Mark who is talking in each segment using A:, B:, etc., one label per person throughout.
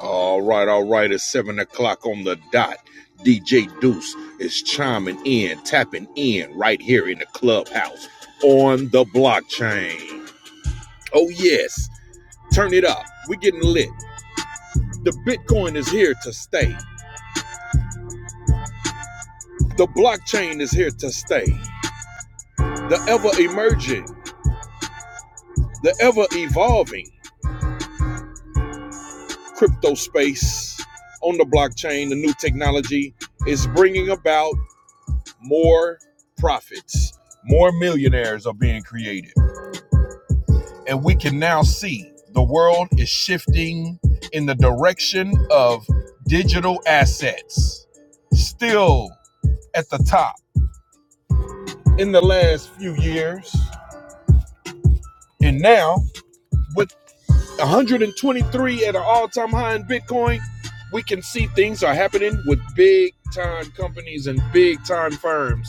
A: All right, all right. It's seven o'clock on the dot. DJ Deuce is chiming in, tapping in right here in the clubhouse on the blockchain. Oh, yes. Turn it up. We're getting lit. The Bitcoin is here to stay. The blockchain is here to stay. The ever emerging, the ever evolving crypto space on the blockchain, the new technology is bringing about more profits, more millionaires are being created. And we can now see the world is shifting in the direction of digital assets. Still at the top in the last few years. And now, with 123 at an all time high in Bitcoin, we can see things are happening with big time companies and big time firms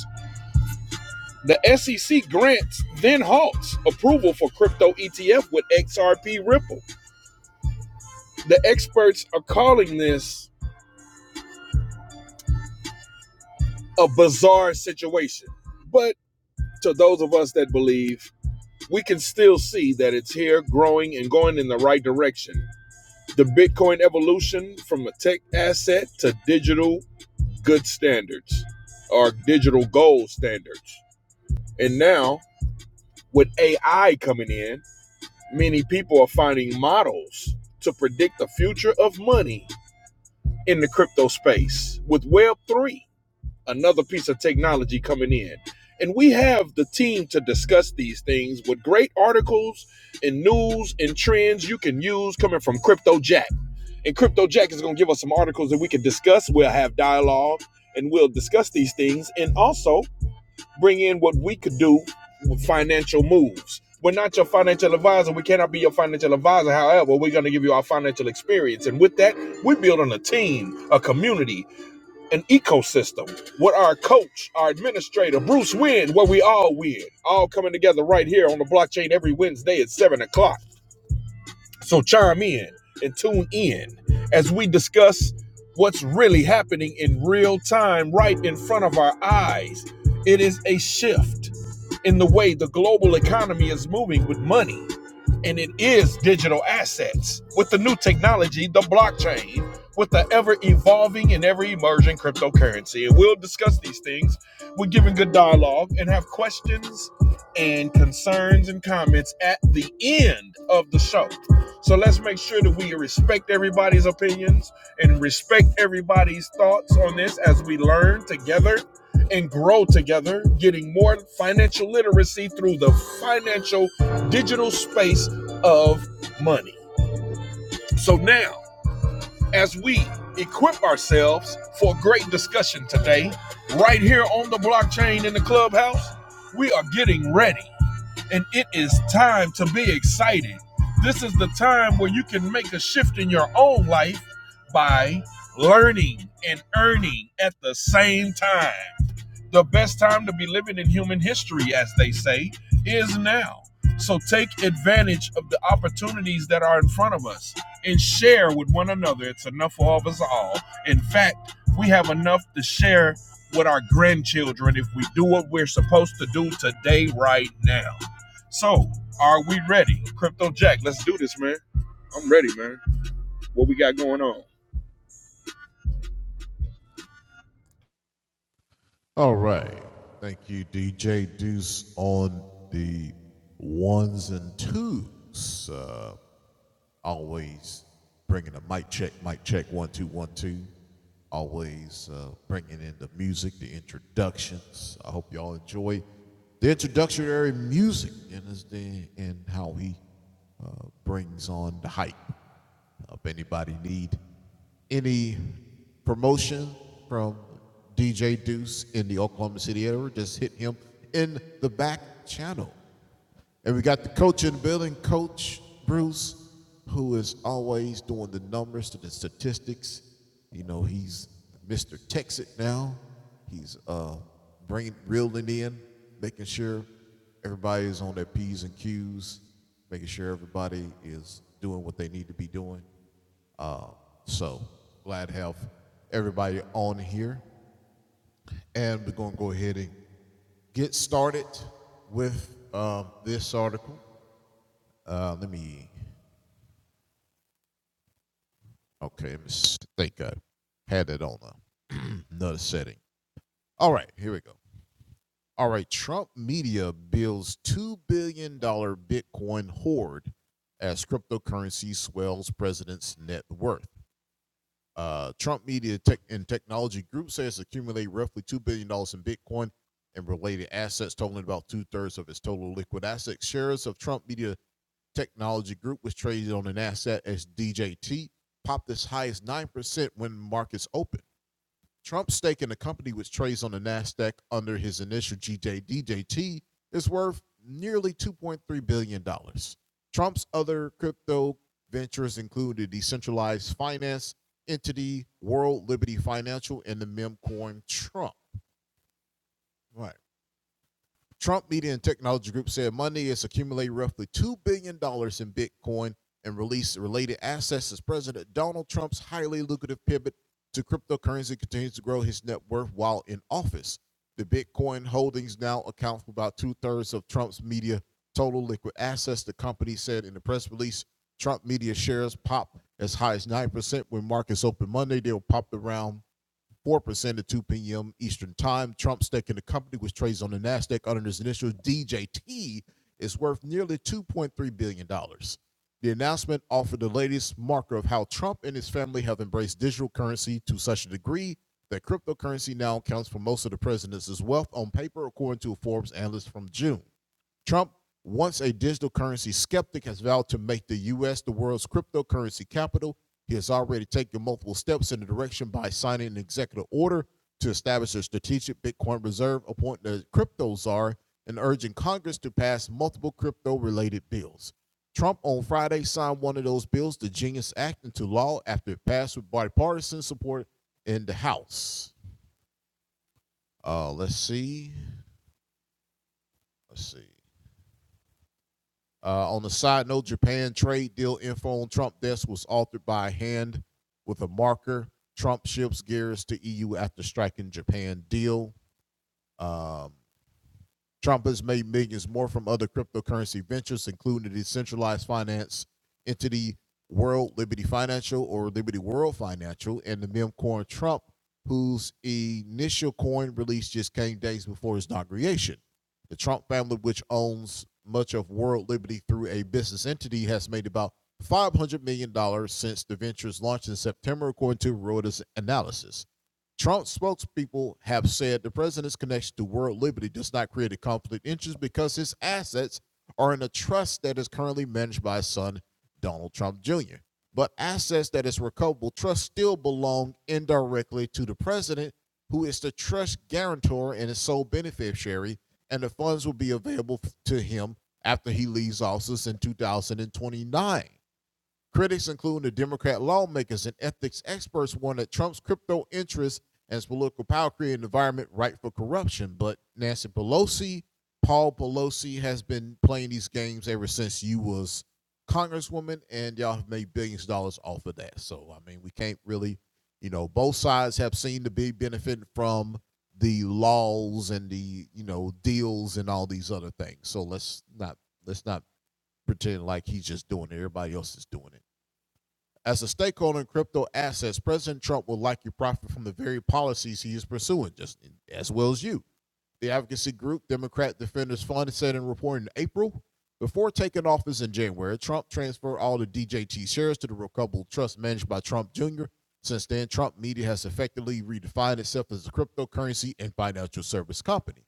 A: The SEC grants, then halts approval for crypto ETF with XRP Ripple. The experts are calling this a bizarre situation. But to those of us that believe, we can still see that it's here growing and going in the right direction. The Bitcoin evolution from a tech asset to digital good standards or digital gold standards. And now, with AI coming in, Many people are finding models to predict the future of money in the crypto space with Web3, another piece of technology coming in. And we have the team to discuss these things with great articles and news and trends you can use coming from Crypto Jack. And Crypto Jack is going to give us some articles that we can discuss. We'll have dialogue and we'll discuss these things. And also, bring in what we could do with financial moves. We're not your financial advisor. We cannot be your financial advisor. However, we're going to give you our financial experience. And with that, we're building a team, a community, an ecosystem. What our coach, our administrator, Bruce Wynn, where we all win, all coming together right here on the blockchain every Wednesday at 7 o'clock. So chime in and tune in as we discuss what's really happening in real time right in front of our eyes. It is a shift in the way the global economy is moving with money and it is digital assets with the new technology, the blockchain, with the ever evolving and ever emerging cryptocurrency. And we'll discuss these things. We're giving good dialogue and have questions and concerns and comments at the end of the show. So let's make sure that we respect everybody's opinions and respect everybody's thoughts on this as we learn together and grow together, getting more financial literacy through the financial digital space of money. So now, as we equip ourselves for a great discussion today, right here on the blockchain in the clubhouse, we are getting ready and it is time to be excited. This is the time where you can make a shift in your own life by learning and earning at the same time. The best time to be living in human history, as they say, is now. So take advantage of the opportunities that are in front of us and share with one another. It's enough for all of us all. In fact, we have enough to share with our grandchildren if we do what we're supposed to do today, right now. So, are we ready? Crypto Jack, let's do this, man. I'm ready, man. What we got going on?
B: All right. Thank you, DJ Deuce, on the ones and twos. Uh, always bringing the mic check, mic check, one, two, one, two. Always uh, bringing in the music, the introductions. I hope y'all enjoy the introductory music and, his- and how he uh, brings on the hype. Uh, If anybody need any promotion from DJ Deuce in the Oklahoma City area, just hit him in the back channel. And we got the coach in the building, Coach Bruce, who is always doing the numbers to the statistics. You know, he's Mr. Texas now. He's uh, bringing, reeling in, making sure everybody is on their P's and Q's, making sure everybody is doing what they need to be doing. Uh, so glad to have everybody on here. And we're going to go ahead and get started with um, this article. Uh, let me Okay, let me think I had that on a, another setting. All right, here we go. All right, Trump media builds $2 billion dollars Bitcoin hoard as cryptocurrency swells president's net worth. Uh, Trump Media Tech and Technology Group says it accumulated roughly $2 billion dollars in Bitcoin and related assets, totaling about two thirds of its total liquid assets. Shares of Trump Media Technology Group was traded on the Nasdaq as DJT, popped as high as 9% when markets opened. Trump's stake in the company, which trades on the Nasdaq under his initial GJDJT, is worth nearly 2.3 billion dollars. Trump's other crypto ventures include the decentralized finance entity World Liberty Financial and the meme coin Trump. Right. Trump Media and Technology Group said Monday it's accumulated roughly $2 billion dollars in Bitcoin and released related assets as President Donald Trump's highly lucrative pivot to cryptocurrency continues to grow his net worth while in office. The Bitcoin holdings now account for about two thirds of Trump's media total liquid assets, the company said in the press release. Trump media shares popped as high as 9% when markets opened Monday. They'll pop around 4% at 2 p.m. Eastern Time. Trump's stake in the company, which trades on the NASDAQ under its initial DJT, is worth nearly $2.3 billion. dollars. The announcement offered the latest marker of how Trump and his family have embraced digital currency to such a degree that cryptocurrency now accounts for most of the president's wealth on paper, according to a Forbes analyst from June. Trump once a digital currency skeptic has vowed to make the U.S. the world's cryptocurrency capital. He has already taken multiple steps in the direction by signing an executive order to establish a strategic Bitcoin reserve, appointing a crypto czar, and urging Congress to pass multiple crypto related bills. Trump on Friday signed one of those bills, the Genius Act, into law after it passed with bipartisan support in the House. Uh, let's see. Let's see. Uh, on a side note, Japan trade deal info on Trump desk was altered by hand with a marker. Trump ships gears to EU after striking Japan deal. Um, Trump has made millions more from other cryptocurrency ventures, including the decentralized finance entity World Liberty Financial or Liberty World Financial and the meme coin Trump, whose initial coin release just came days before his inauguration. The Trump family, which owns much of World Liberty through a business entity, has made about $500 million dollars since the venture's launch in September, according to Reuters analysis. Trump's spokespeople have said the president's connection to world liberty does not create a conflict of interest because his assets are in a trust that is currently managed by his son, Donald Trump Jr. But assets that is recoverable trust still belong indirectly to the president, who is the trust guarantor and its sole beneficiary, and the funds will be available to him after he leaves office in 2029. Critics, including the Democrat lawmakers and ethics experts, warned that Trump's crypto interests and his political power create an environment ripe for corruption. But Nancy Pelosi, Paul Pelosi, has been playing these games ever since you was congresswoman, and y'all have made billions of dollars off of that. So I mean, we can't really, you know, both sides have seemed to be benefiting from the laws and the you know deals and all these other things. So let's not let's not pretend like he's just doing it. Everybody else is doing it. As a stakeholder in crypto assets, President Trump will likely profit from the very policies he is pursuing, just as well as you. The advocacy group Democrat Defenders Fund said in a report in April, before taking office in January, Trump transferred all the DJT shares to the Recoverable Trust managed by Trump Jr. Since then, Trump Media has effectively redefined itself as a cryptocurrency and financial service company.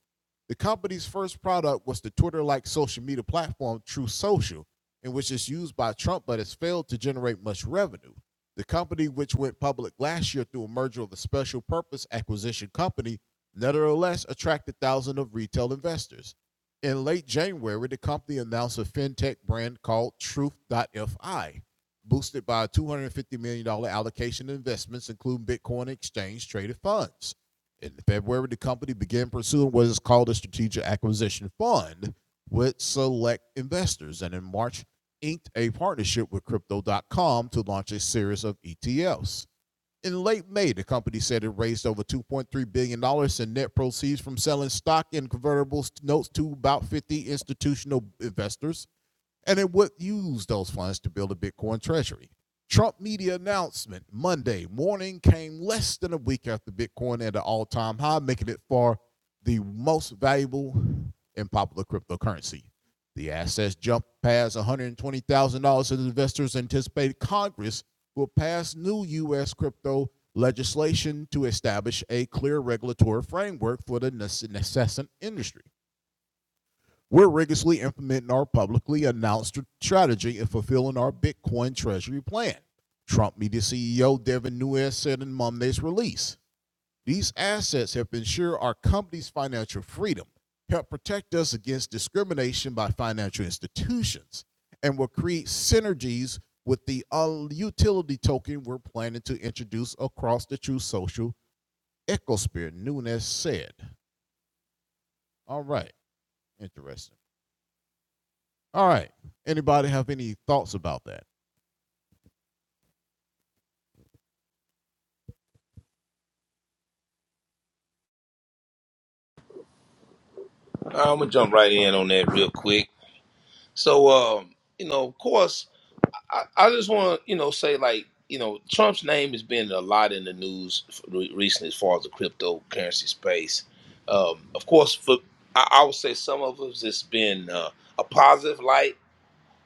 B: The company's first product was the Twitter like social media platform True Social, in which it's used by Trump but has failed to generate much revenue. The company, which went public last year through a merger of a special purpose acquisition company, nevertheless attracted thousands of retail investors. In late January, the company announced a fintech brand called Truth.fi, boosted by a $250 million dollars allocation in investments, including Bitcoin exchange traded funds. In February, the company began pursuing what is called a strategic acquisition fund with select investors, and in March, inked a partnership with Crypto.com to launch a series of ETFs. In late May, the company said it raised over $2.3 billion dollars in net proceeds from selling stock and convertible notes to about 50 institutional investors and it would use those funds to build a Bitcoin treasury. Trump media announcement Monday morning came less than a week after Bitcoin at an all time high, making it far the most valuable and popular cryptocurrency. The assets jumped past $120,000 as investors anticipated Congress will pass new U.S. crypto legislation to establish a clear regulatory framework for the nascent industry. We're rigorously implementing our publicly announced strategy and fulfilling our Bitcoin treasury plan. Trump media CEO Devin Nunes said in Monday's release. These assets help ensure our company's financial freedom, help protect us against discrimination by financial institutions, and will create synergies with the uh, utility token we're planning to introduce across the True Social ecosphere, Nunes said. All right, interesting. All right. Anybody have any thoughts about that?
C: I'm gonna jump right in on that real quick. So, um, you know, of course, I, I just want to, you know, say like, you know, Trump's name has been a lot in the news re- recently as far as the cryptocurrency space. Um, of course, for I, I would say some of us it's been uh, a positive light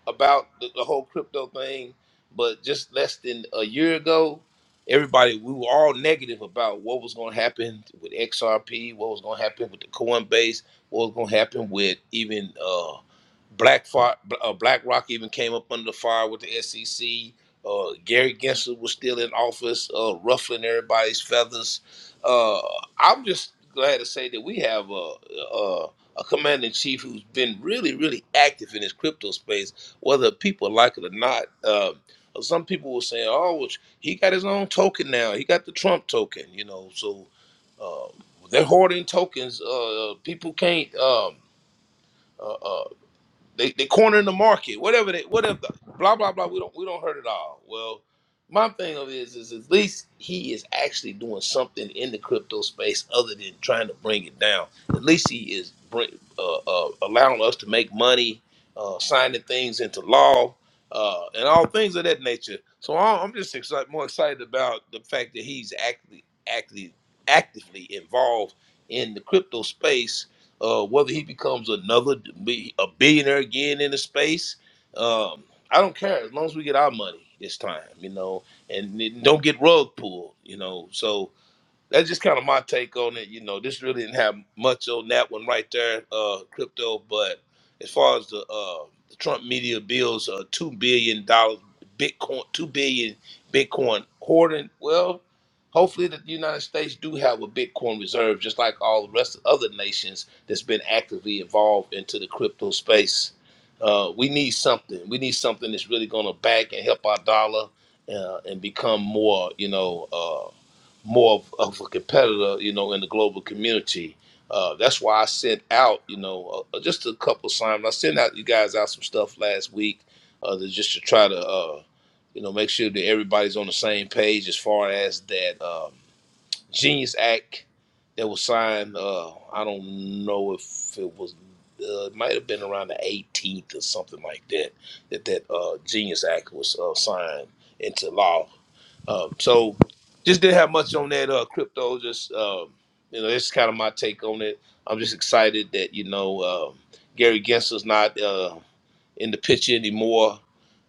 C: about the, the whole crypto thing, but just less than a year ago, everybody we were all negative about what was going to happen with XRP, what was going to happen with the Coinbase, what was going to happen with even uh, Black Fi- uh, BlackRock even came up under the fire with the SEC. Uh, Gary Gensler was still in office, uh, ruffling everybody's feathers. Uh, I'm just glad to say that we have a, a, a commander in chief who's been really, really active in this crypto space whether people like it or not. Um, some people were saying, "Oh, well, he got his own token now. He got the Trump token." You know, so um, they're hoarding tokens. Uh, people can't. Um, uh, uh, they they cornering the market, whatever they whatever blah blah blah. We don't we don't hurt it all. Well, my thing of it is is at least he is actually doing something in the crypto space other than trying to bring it down. At least he is bring, uh, uh, allowing us to make money, uh, signing things into law, uh, and all things of that nature. So I'm I'm just excited, more excited about the fact that he's actually actually actively involved in the crypto space uh, whether he becomes another bi- a billionaire again in the space, um, I don't care as long as we get our money this time, you know, and it- don't get rug pulled, you know. So that's just kind of my take on it. You know, this really didn't have much on that one right there, uh, crypto. But as far as the, uh, the Trump media bills, uh, two billion dollars Bitcoin, two billion Bitcoin hoarding. Well, hopefully the United States do have a Bitcoin reserve, just like all the rest of other nations that's been actively involved into the crypto space. Uh, we need something. We need something that's really going to back and help our dollar uh, and become more, you know. uh, more of, of a competitor, you know, in the global community. Uh, that's why I sent out, you know, uh, uh, just a couple of signs. I sent out you guys out some stuff last week, uh, to, just to try to, uh, you know, make sure that everybody's on the same page as far as that um, Genius Act that was signed. Uh, I don't know if it was, uh, it might have been around the 18th or something like that. That that uh, Genius Act was uh, signed into law um, so just didn't have much on that uh, crypto. Just um, you know, it's kind of my take on it. I'm just excited that you know um Gary Gensler's not. uh, in the picture anymore.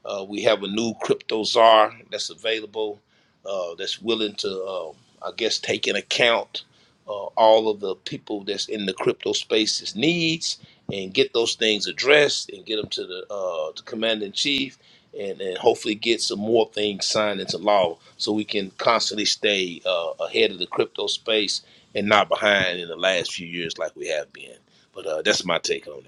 C: Uh, we have a new crypto czar that's available, uh, that's willing to, uh, I guess, take in account uh, all of the people that's in the crypto space's needs and get those things addressed and get them to the, uh, the commander in chief and, and hopefully get some more things signed into law so we can constantly stay uh, ahead of the crypto space and not behind in the last few years like we have been. But uh, that's my take on it.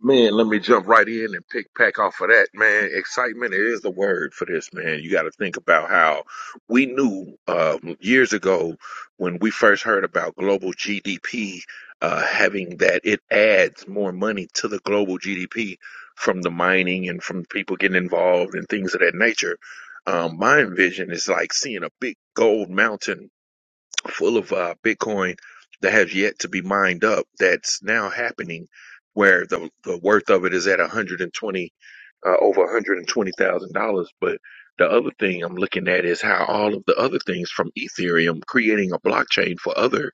A: Man, let me jump right in and pick pack off of that, man. Excitement is the word for this, man. You got to think about how we knew uh, years ago when we first heard about global GDP uh, having that it adds more money to the global GDP from the mining and from people getting involved and things of that nature. Um, my vision is like seeing a big gold mountain full of uh, Bitcoin that has yet to be mined up. That's now happening, where the the worth of it is at 120, uh, over 120 thousand dollars. But the other thing I'm looking at is how all of the other things from Ethereum creating a blockchain for other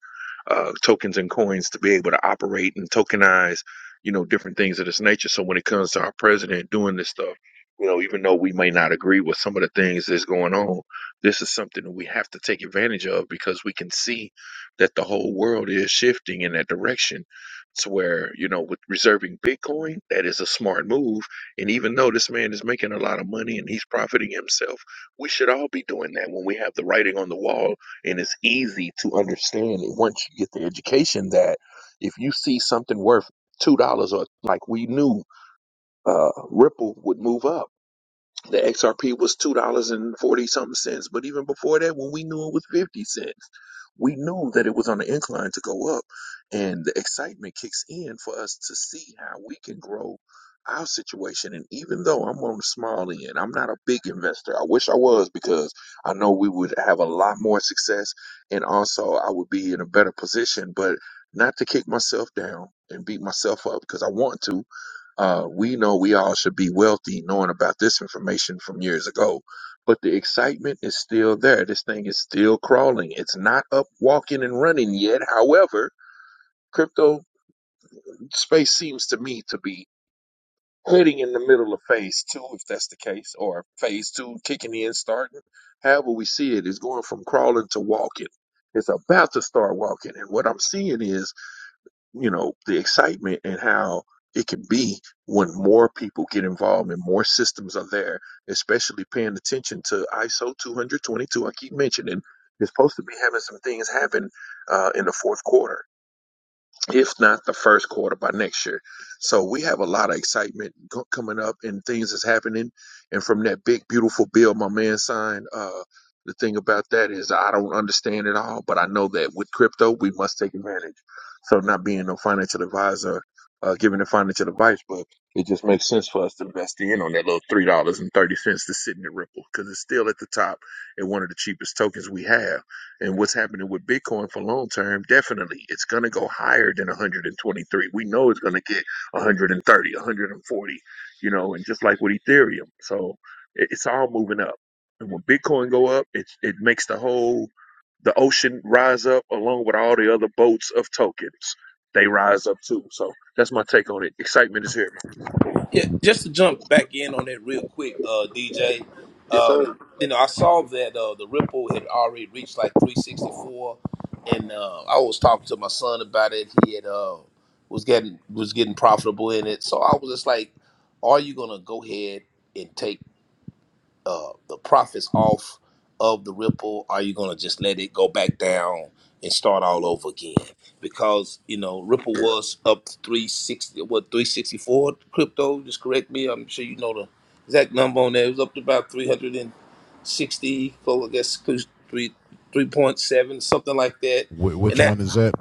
A: uh, tokens and coins to be able to operate and tokenize, you know, different things of this nature. So when it comes to our president doing this stuff, you know, even though we may not agree with some of the things that's going on this is something that we have to take advantage of because we can see that the whole world is shifting in that direction to where, you know, with reserving Bitcoin, that is a smart move. And even though this man is making a lot of money and he's profiting himself, we should all be doing that when we have the writing on the wall and it's easy to understand it once you get the education that if you see something worth two dollars or like we knew uh Ripple would move up the XRP was two dollars and forty something cents, but even before that, when we knew it was fifty cents, we knew that it was on the incline to go up, and the excitement kicks in for us to see how we can grow our situation. And even though I'm on the small end, I'm not a big investor. I wish I was because I know we would have a lot more success, and also I would be in a better position. But not to kick myself down and beat myself up because I want to. Uh, we know we all should be wealthy knowing about this information from years ago, but the excitement is still there. This thing is still crawling. It's not up walking and running yet. However, crypto space seems to me to be heading in the middle of phase two, if that's the case, or phase two kicking in, starting. However, we see it is going from crawling to walking. It's about to start walking. And what I'm seeing is you know the excitement and how it can be when more people get involved and more systems are there especially paying attention to iso 222 i keep mentioning it's supposed to be having some things happen uh, in the fourth quarter if not the first quarter by next year. So we have a lot of excitement co- coming up and things that's happening. And from that big, beautiful bill my man signed, uh, the thing about that is I don't understand it all, but I know that with crypto, we must take advantage. So not being no financial advisor, uh, giving the financial advice, but it just makes sense for us to invest in on that little $3.30 to sit in the Ripple because it's still at the top and one of the cheapest tokens we have and what's happening with Bitcoin for long term, definitely it's going to go higher than 123. We know it's going to get 130, 140, you know, and just like with Ethereum. So it, it's all moving up. And when Bitcoin go up, it it makes the whole the ocean rise up along with all the other boats of tokens. They rise up too. So that's my take on it. Excitement is here,
C: Yeah, just to jump back in on that real quick, uh,
A: man.
C: DJ.
A: Yes,
C: Um,
A: sir.
C: you know, I saw that uh, the ripple had already reached like 364, and uh, I was talking to my son about it. He had uh, was getting was getting profitable in it, so I was just like, "Are you gonna go ahead?" and take?" uh, the profits off of the ripple? Are you gonna just let it go back down and start all over again? Because you know Ripple was up three sixty, what three sixty four crypto? Just correct me. I'm sure you know the exact number on there. It was up to about three hundred and sixty, so I guess close to three three point seven, something like that.
B: Wh-
C: And
B: which
C: that
B: one is that?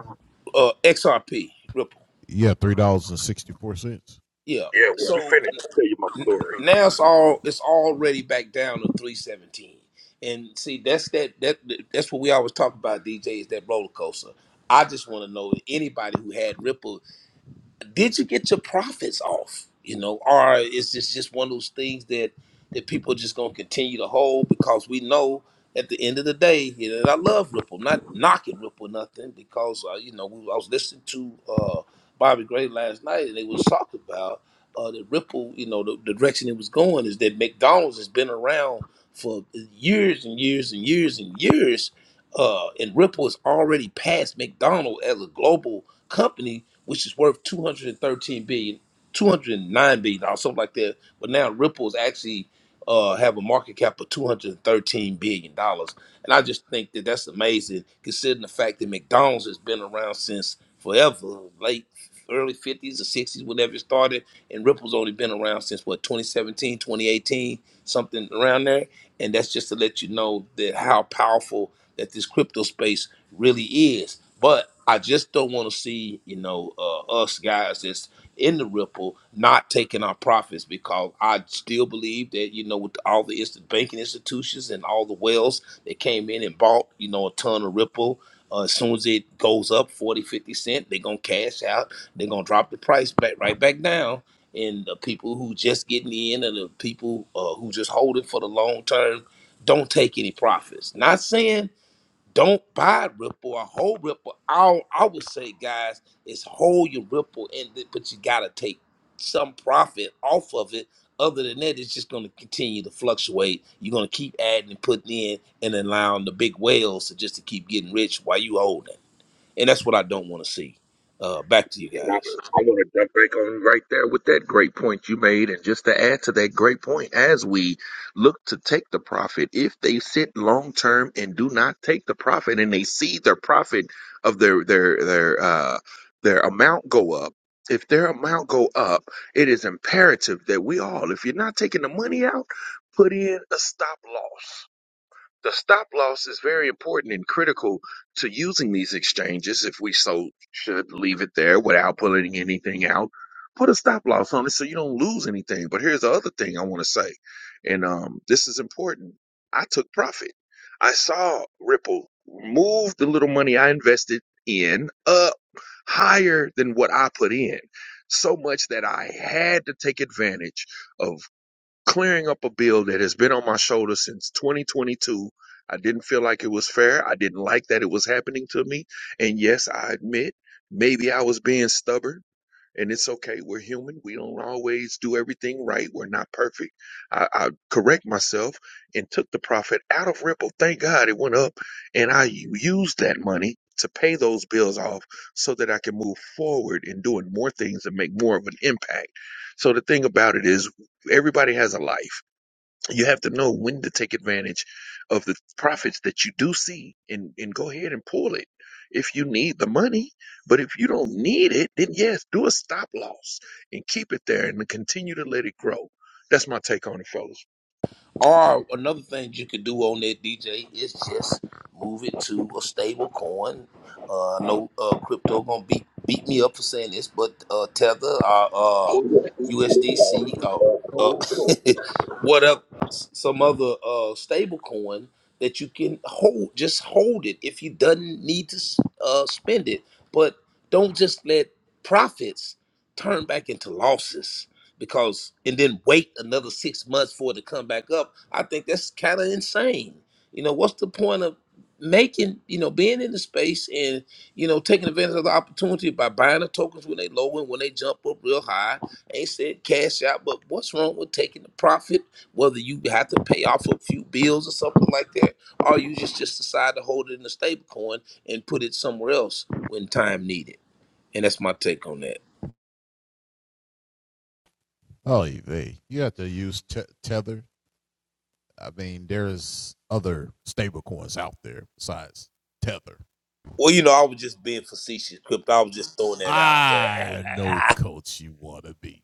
C: uh, XRP Ripple,
B: Yeah, three dollars and sixty-four cents.
C: yeah.
A: Yeah, when you
C: So.
A: finish, I'll tell you my story.
C: now it's all it's already back down to 317 and see that's that that that's what we always talk about dj is that roller coaster i just want to know if anybody who had ripple did you get your profits off? You know, or is this just one of those things that that people are just gonna continue to hold because we know at the end of the day, you know, and I love Ripple, not knocking Ripple nothing because uh, you know we, I was listening to uh, Bobby Gray last night and they was talking about uh, the Ripple, you know, the, the direction it was going is that McDonald's has been around for years and years and years and years, uh, and Ripple has already passed McDonald's as a global company, which is worth two hundred and thirteen billion, two hundred and nine billion, 209 billion dollars, something like that. But now Ripple's actually uh, have a market cap of 213 billion dollars, and I just think that that's amazing, considering the fact that McDonald's has been around since forever, late early 50s or 60s, whenever it started, and Ripple's only been around since what 2017, 2018, something around there, and that's just to let you know that how powerful that this crypto space really is. But I just don't want to see, you know, uh, us guys that's in the ripple not taking our profits because I still believe that, you know, with all the instant banking institutions and all the whales that came in and bought, you know, a ton of ripple. Uh, as soon as it goes up forty fifty cent, they're going to cash out. They're going to drop the price back right back down. And the people who just getting in and the people uh, who just hold it for the long term don't take any profits. Not saying don't buy Ripple or hold Ripple. I I would say, guys, is hold your Ripple, and th- but you gotta take some profit off of it. Other than that, it's just gonna continue to fluctuate. You're gonna keep adding and putting in, and allowing the big whales to just to keep getting rich while you holding. And that's what I don't want to see. Uh, back to you
A: And I,
C: guys.
A: I want to jump back on right there with that great point you made. And just to add to that great point, as we look to take the profit, if they sit long term and do not take the profit and they see their profit of their their their uh their amount go up, if their amount go up, it is imperative that we all, if you're not taking the money out, put in a stop loss the stop loss is very important and critical to using these exchanges if we so should leave it there without pulling anything out. Put a stop loss on it so you don't lose anything. But here's the other thing I want to say, and um, this is important. I took profit. I saw Ripple move the little money I invested in up higher than what I put in. So much that I had to take advantage of clearing up a bill that has been on my shoulder since 2022. I didn't feel like it was fair. I didn't like that it was happening to me. And yes, I admit maybe I was being stubborn and it's okay. We're human. We don't always do everything right. We're not perfect. I, I correct myself and took the profit out of Ripple. Thank God it went up, and I used that money to pay those bills off so that I can move forward in doing more things and make more of an impact. So the thing about it is, everybody has a life. You have to know when to take advantage of the profits that you do see and, and go ahead and pull it if you need the money. But if you don't need it, then yes, do a stop loss and keep it there and continue to let it grow. That's my take on it, fellas.
C: Or another thing you could do on that DJ is just move it to a stable coin. Uh, no uh, crypto gonna beat beat me up for saying this, but uh, Tether, uh, uh,
A: Oh, yeah.
C: USDC, uh,
A: Cold storage.
C: uh, what up? s- Some other uh, stable coin that you can hold. Just hold it if you doesn't need to s- uh, spend it, but don't just let profits turn back into losses because and then wait another six months for it to come back up. I think that's kind of insane. You know, what's the point of making you know being in the space and you know taking advantage of the opportunity by buying the tokens when they low and when they jump up real high? Ain't said cash out, but what's wrong with taking the profit? Whether you have to pay off a few bills or something like that, or you just just decide to hold it in a stable coin and put it somewhere else when time needed. And that's my take on that.
B: Oh, they you have to use te- Tether. I mean, there is other stable coins out there besides Tether.
C: Well, you know, I was just being facetious, Crip. I was just throwing that out there. And
B: I know, coach, you want to be.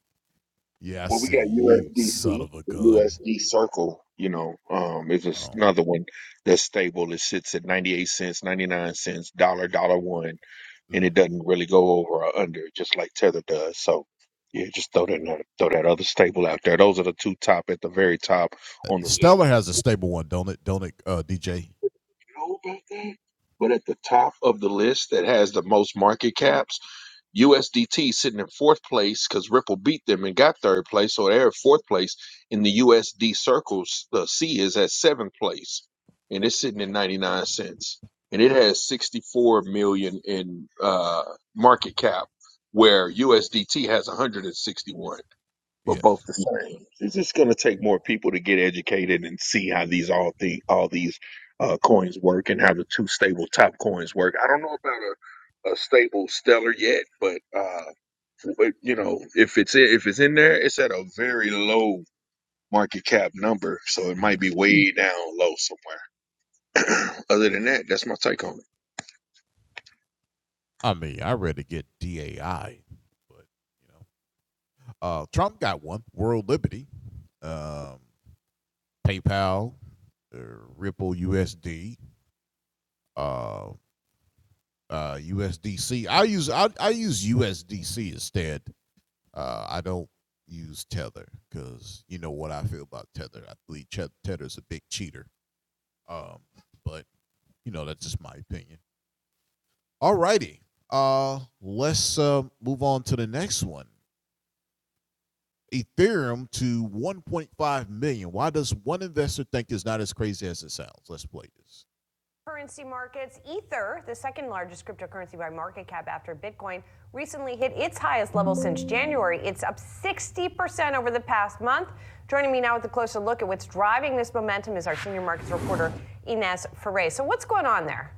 B: Yeah, I
A: Well, we
B: say
A: got
B: you son
A: USDC,
B: of a gun.
A: USD Circle, you know, um, is just
B: Oh,
A: another one that's stable. It sits at 98 cents, 99 cents, dollar, dollar one. and it
B: mm.
A: doesn't really go over or under, just like tether does. So yeah, just throw that another- throw that other stable out there. Those are the two top at the very top on the list.
B: Stellar
A: You
B: has a stable one, don't it? Don't it, uh, DJ?
A: know about that? But at the top of the list that has the most market caps USDT sitting in fourth place because Ripple beat them and got third place, so they're at fourth place in the USD circles. The C is at seventh place, and it's sitting at ninety nine cents, and it has sixty four million in uh, market cap, where USDT has one hundred and sixty one. We're both
B: Yes.
A: the same. It's just going to take more people to get educated and see how these all the all these uh, coins work and how the two stable top coins work. I don't know about a, a stable stellar yet, but uh, w- you know, if it's in, if it's in there, it's at a very low market cap number, so it might
B: Mm.
A: be way down low somewhere. Other than that, that's my take on it.
B: I mean, I ready to get DAI, but you know. Uh, Trump got one, World Liberty, um, PayPal, uh, Ripple USD, uh, uh, USDC. I use I, I use USDC instead. Uh, I don't use Tether because you know what I feel about Tether. I believe Ch- Tether's a big cheater. Um, but you know that's just my opinion. Alrighty, uh, let's uh, move on to the next one. Ethereum to 1.5 million. Why does one investor think it's not as crazy as it sounds? Let's play this. Currency markets, Ether, the second largest cryptocurrency by market cap after Bitcoin, recently hit its highest level since January. It's up 60% over the past month. Joining me now with a closer look at what's driving this momentum is our senior markets reporter, Inez Ferre. So, what's going on there?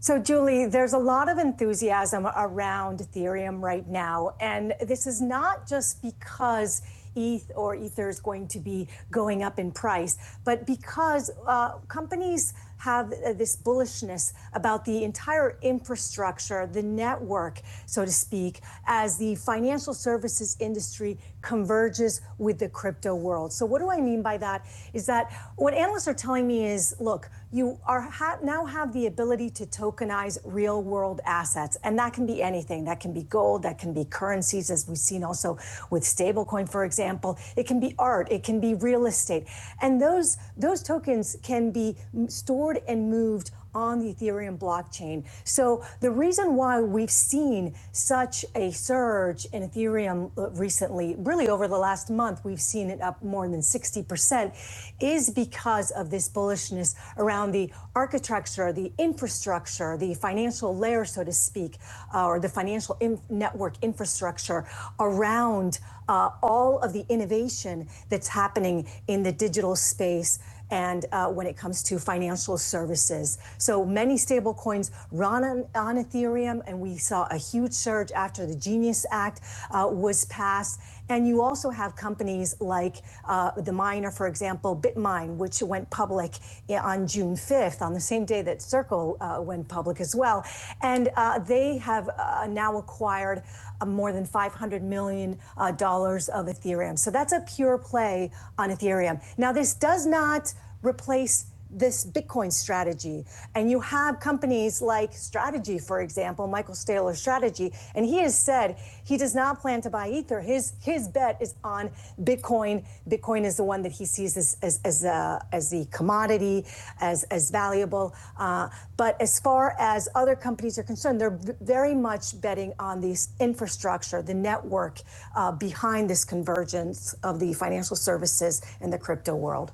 B: So, Julie, there's a lot of enthusiasm around Ethereum right now. And this is not just because ETH or Ether is going to be going up in price, but because uh, companies have uh, this bullishness about the entire infrastructure, the network, so to speak, as the financial services industry converges with the crypto world. So, what do I mean by that? Is that what analysts analysts are telling me is, look, you are ha now have the ability to tokenize real-world assets, and that can be anything. That can be gold, that can be currencies, as we've seen also with stablecoin, for example. It can be art, it can be real estate. and those Those tokens can be stored and moved on the Ethereum blockchain. So the reason why we've seen such a surge in Ethereum uh, recently, really over the last month, we've seen it up more than 60%, is because of this bullishness around the architecture, the infrastructure, the financial layer, so to speak, uh, or the financial in- network infrastructure around uh, all of the innovation that's happening in the digital space and uh, when it comes to financial services. So many stablecoins run on, on, Ethereum, and we saw a huge surge after the Genius Act uh, was passed. And you also have companies like uh, the miner, for example, Bitmine, which went public eh, on June 5th, on the same day that Circle uh, went public as well. And uh, they have uh, now acquired uh, more than $500 million uh, dollars of Ethereum. So that's a pure play on Ethereum. Now, this does not cannot replace this Bitcoin strategy. And you have companies like Strategy, for example, Michael Saylor's Strategy, and he has said he does not plan to buy Ether. His his bet is on Bitcoin. Bitcoin is the one that he sees as as as, uh, as the commodity, as as valuable. Uh, but as far as other companies are concerned, they're very much betting on this infrastructure, the network uh, behind this convergence of the financial services and the crypto world.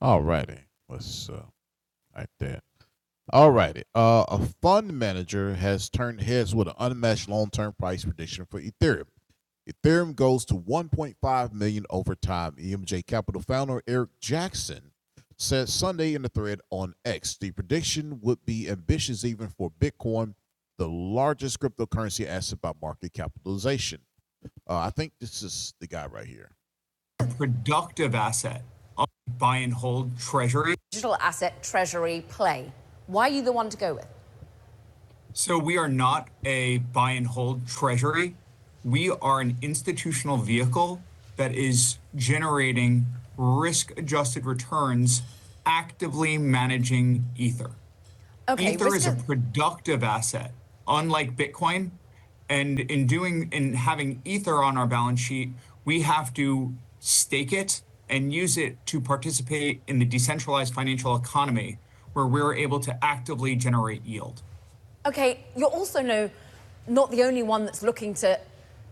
B: All righty. Let's uh, like that. All righty. Uh, a fund manager has turned heads with an unmatched long term price prediction for Ethereum. Ethereum goes to 1.5 million dollars over time. EMJ Capital founder Eric Jackson said Sunday in the thread on X. The prediction would be ambitious even for Bitcoin, the largest cryptocurrency asset by market capitalization. Uh, I think this is the guy right here. Productive asset buy and hold treasury. digital asset treasury play. Why are you the one to go with? So we are not a buy and hold treasury. We are an institutional vehicle that is generating risk adjusted returns, actively managing Ether. Okay, Ether is a productive asset, unlike Bitcoin. And in doing in having Ether on our balance sheet, we have to stake it and use it to participate in the decentralized financial economy where we're able to actively generate yield. Okay, you're also no, not the only one that's looking to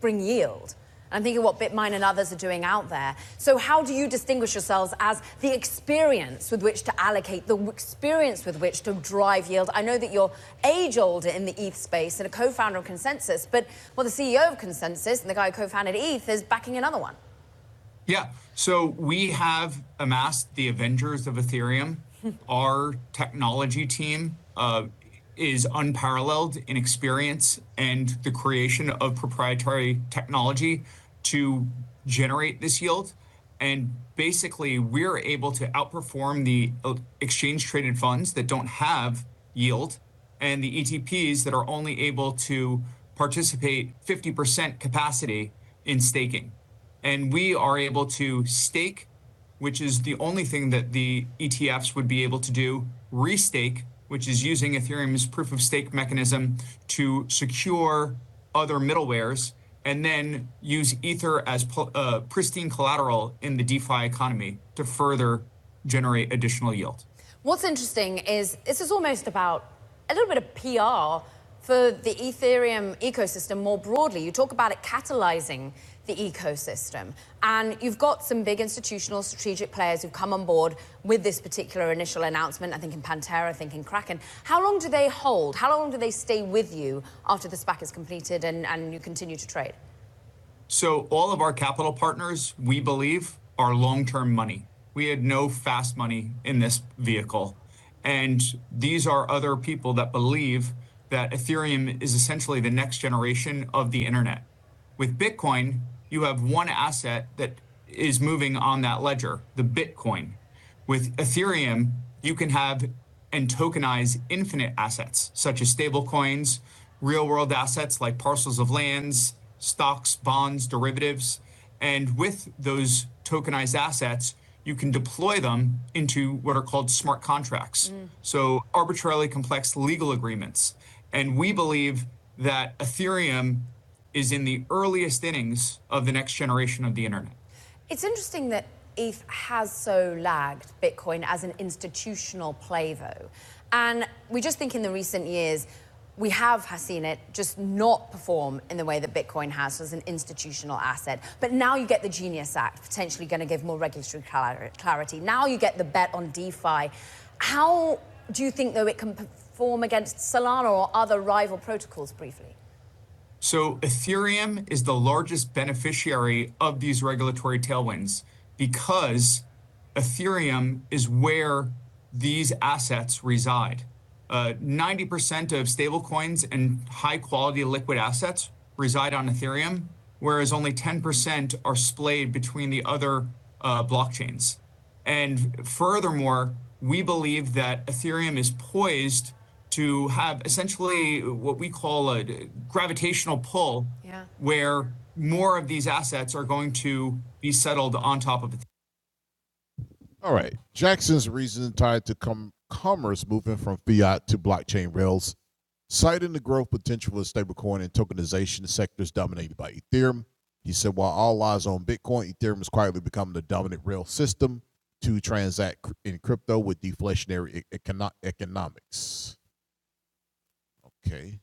B: bring yield. I'm thinking what Bitmine and others are doing out there. So, how do you distinguish yourselves as the experience with which to allocate, the experience with which to drive yield? I know that you're age older in the ETH space and a co founder of Consensus, but well, the CEO of Consensus and the guy who co founded ETH is backing another one. Yeah. So we have amassed the Avengers of Ethereum. Our technology team uh, is unparalleled in experience and the creation of proprietary technology to generate this yield. And Basically, we're able to outperform the exchange-traded funds that don't have yield and the ETPs that are only able to participate 50% capacity in staking and we are able to stake, which is the only thing that the ETFs would be able to do, restake, which is using Ethereum's proof of stake mechanism to secure other middlewares, and then use Ether as uh, pristine collateral in the DeFi economy to further generate additional yield. What's interesting is this is almost about a little bit of PR for the Ethereum ecosystem more broadly. You talk about it catalyzing the ecosystem, and you've got some big institutional strategic players who've come on board with this particular initial announcement. I think in Pantera, I think in Kraken. How long do they hold? How long do they stay with you after the SPAC is completed and, and you continue to trade? So All of our capital partners, we believe, are long-term money. We had no fast money in this vehicle. and These are other people that believe that Ethereum is essentially the next generation of the internet. With Bitcoin, you have one asset that is moving on that ledger, the Bitcoin. With Ethereum, you can have and tokenize infinite assets such as stablecoins, real world assets like parcels of lands, stocks, bonds, derivatives. And with those tokenized assets, you can deploy them into what are called smart contracts. Mm. So, arbitrarily complex legal agreements. And we believe that Ethereum is in the earliest innings of the next generation of the internet. It's interesting that ETH has so lagged Bitcoin as an institutional play, though. And we just think in the recent years, we have seen it just not perform in the way that Bitcoin has as an institutional asset. But now you get the Genius Act, potentially going to give more regulatory clarity. Now you get the bet on DeFi. How do you think, though, it can perform against Solana or other rival protocols briefly? So Ethereum is the largest beneficiary of these regulatory tailwinds because Ethereum is where these assets reside. 90% of stablecoins and high-quality liquid assets reside on Ethereum, whereas only 10% are splayed between the other uh, blockchains. And furthermore, we believe that Ethereum is poised to have essentially what we call a gravitational pull, Yeah. where more of these assets are going to be settled on top of Ethereum. All right. Jackson's reason tied to com- commerce moving from fiat to blockchain rails, citing the growth potential of stablecoin and tokenization sectors dominated by Ethereum. He said, while all eyes on Bitcoin, Ethereum is quietly becoming the dominant rail system to transact in crypto with deflationary e- econo- economics. Okay.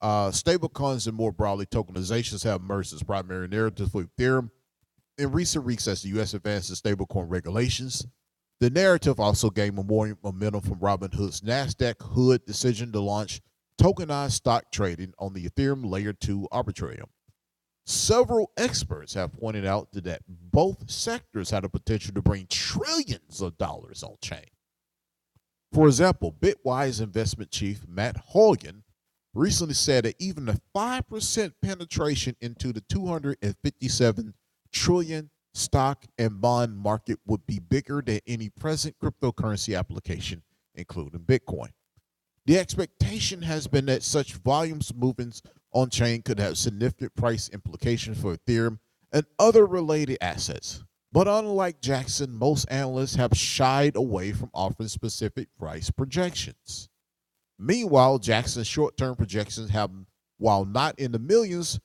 B: Uh, stablecoins and more broadly tokenizations have emerged as primary narratives for Ethereum, in recent weeks, as the U.S. advanced its stablecoin regulations, the narrative also gained more momentum from Robinhood's Nasdaq Hood decision to launch tokenized stock trading on the Ethereum Layer 2 Arbitrium. Several experts have pointed out that both sectors had the potential to bring trillions of dollars on chain. For example, Bitwise investment chief Matt Hogan recently said that even a 5% penetration into the 257 trillion dollars stock and bond market would be bigger than any present cryptocurrency application, including Bitcoin. The expectation has been that such volumes movements on chain could have significant price implications for Ethereum and other related assets. But unlike Jackson, most analysts have shied away from offering specific price projections. Meanwhile, Jackson's short term projections have, while not in the millions,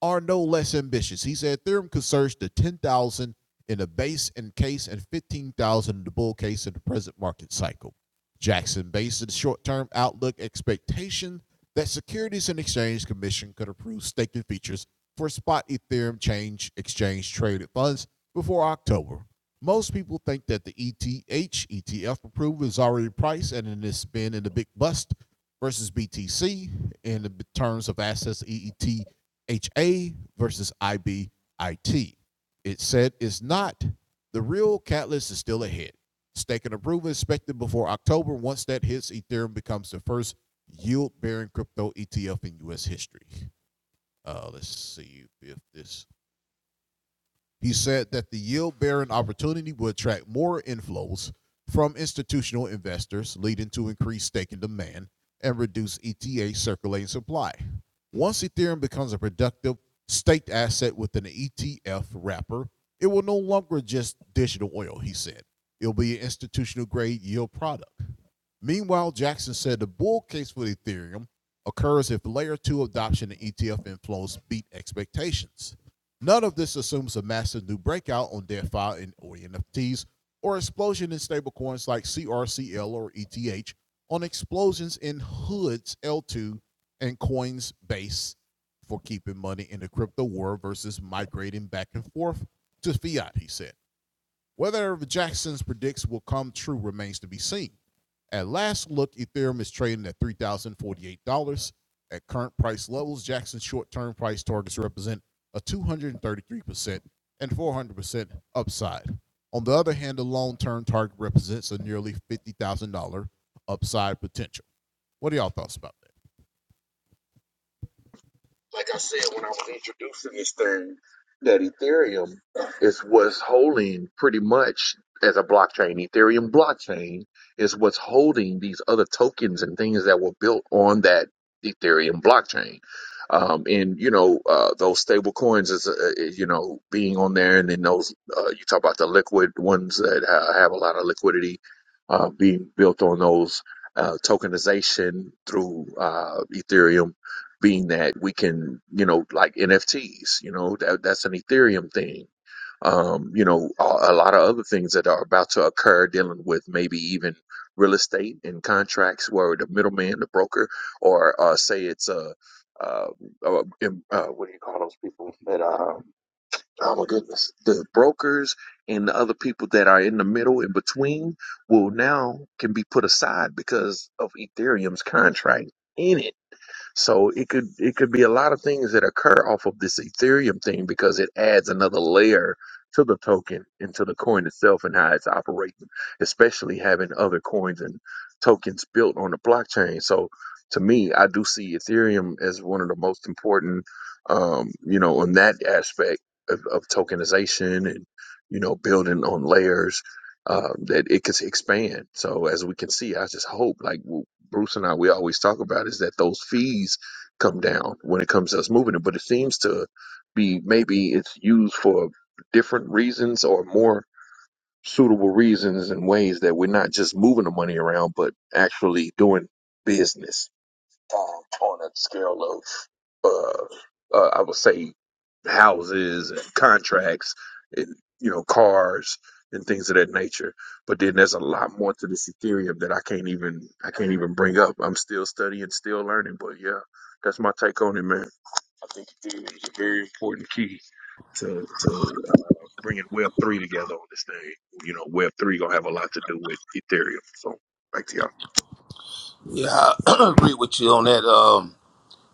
B: are no less ambitious. He said Ethereum could surge to 10,000 in the base and case and 15,000 in the bull case in the present market cycle. Jackson based the short term outlook expectation that Securities and Exchange Commission could approve staking features for spot Ethereum change exchange traded funds before October, most people think that the ETH ETF approval is already priced and it has been in the big bust versus BTC in the terms of assets EETHA versus IBIT. It said it's not. The real catalyst is still ahead. Staking approval expected before October. Once that hits, Ethereum becomes the first yield bearing crypto ETF in US history. Uh, let's see if this he said that the yield bearing opportunity would attract more inflows from institutional investors, leading to increased staking demand and reduce ETA circulating supply. Once Ethereum becomes a productive staked asset within an ETF wrapper, it will no longer just digital oil, he said. It'll be an institutional grade yield product. Meanwhile, Jackson said the bull case for Ethereum occurs if layer two adoption and ETF inflows beat expectations. None of this assumes a massive new breakout on DeFi and or NFTs or explosion in stablecoins like CRCL or ETH on explosions in hoods L2 and Coinsbase for keeping money in the crypto war versus migrating back and forth to fiat, he said. Whether Jackson's predicts will come true remains to be seen. At last look, Ethereum is trading at $3,048. At current price levels, Jackson's short term price targets represent a 233% and 400% upside. On the other hand, the long term target represents a nearly $50,000 upside potential. What are y'all thoughts about
A: like I said when I was introducing this thing, that Ethereum is what's holding pretty much as a blockchain. Ethereum blockchain is what's holding these other tokens and things that were built on that Ethereum blockchain. Um, and you know uh, those stable coins is uh, uh, you know being on there, and then those uh, you talk about the liquid ones that uh, have a lot of liquidity uh, being built on those uh, tokenization through uh, Ethereum being that we can, you know, like NFTs, you know, that, that's an Ethereum thing. Um, you know, a, a lot of other things that are about to occur dealing with maybe even real estate and contracts where the middleman, the broker, or uh, say it's a, uh, uh, em- uh, what do you call those people that, uh, oh my goodness, the brokers and the other people that are in the middle in between will now can be put aside because of Ethereum's contract in it so it could it could be a lot of things that occur off of this Ethereum thing because it adds another layer to the token and to the coin itself and how it's operating, especially having other coins and tokens built on the blockchain. So to me, I do see Ethereum as one of the most important, um, you know, on that aspect of, of tokenization and you know building on layers uh, that it could expand. So as we can see, I just hope like. w- Bruce and I we always talk about is that those fees come down when it comes to us moving it, but it seems to be maybe it's used for different reasons or more suitable reasons and ways that we're not just moving the money around, but actually doing business um, on a scale of, uh, uh, I would say, houses and contracts and you know cars and things of that nature. But then there's a lot more to this Ethereum that I can't even I can't even bring up. I'm still studying, still learning. But yeah, that's my take on it, man. I think Ethereum is a very important key to to uh, bringing Web three together on this thing. You know, Web three gonna have a lot to do with Ethereum. So back to y'all.
C: Yeah, I agree with you on that.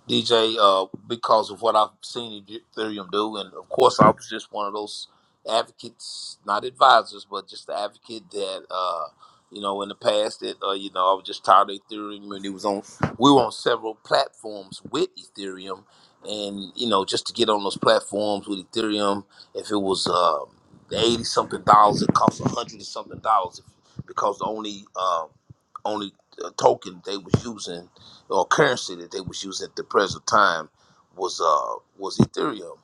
C: DJ, uh, because of what I've seen Ethereum do, and of course, I was just one of those advocates, not advisors, but just the advocate that, uh, you know, in the past, that uh, you know, I was just tired of Ethereum, and it was on. We were on several platforms with Ethereum, and you know, just to get on those platforms with Ethereum, if it was uh, eighty something dollars, it cost a hundred and something dollars, if, because the only uh, only uh, token they was using or currency that they was using at the present time was uh was Ethereum.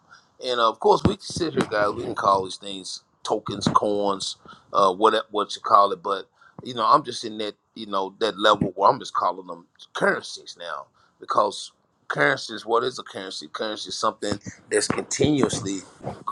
C: And uh, of course, we can sit here, guys. We can call these things tokens, coins, uh, what what you call it. But you know, I'm just in that you know that level where I'm just calling them currencies now because currencies. What is a currency? Currency is something that's continuously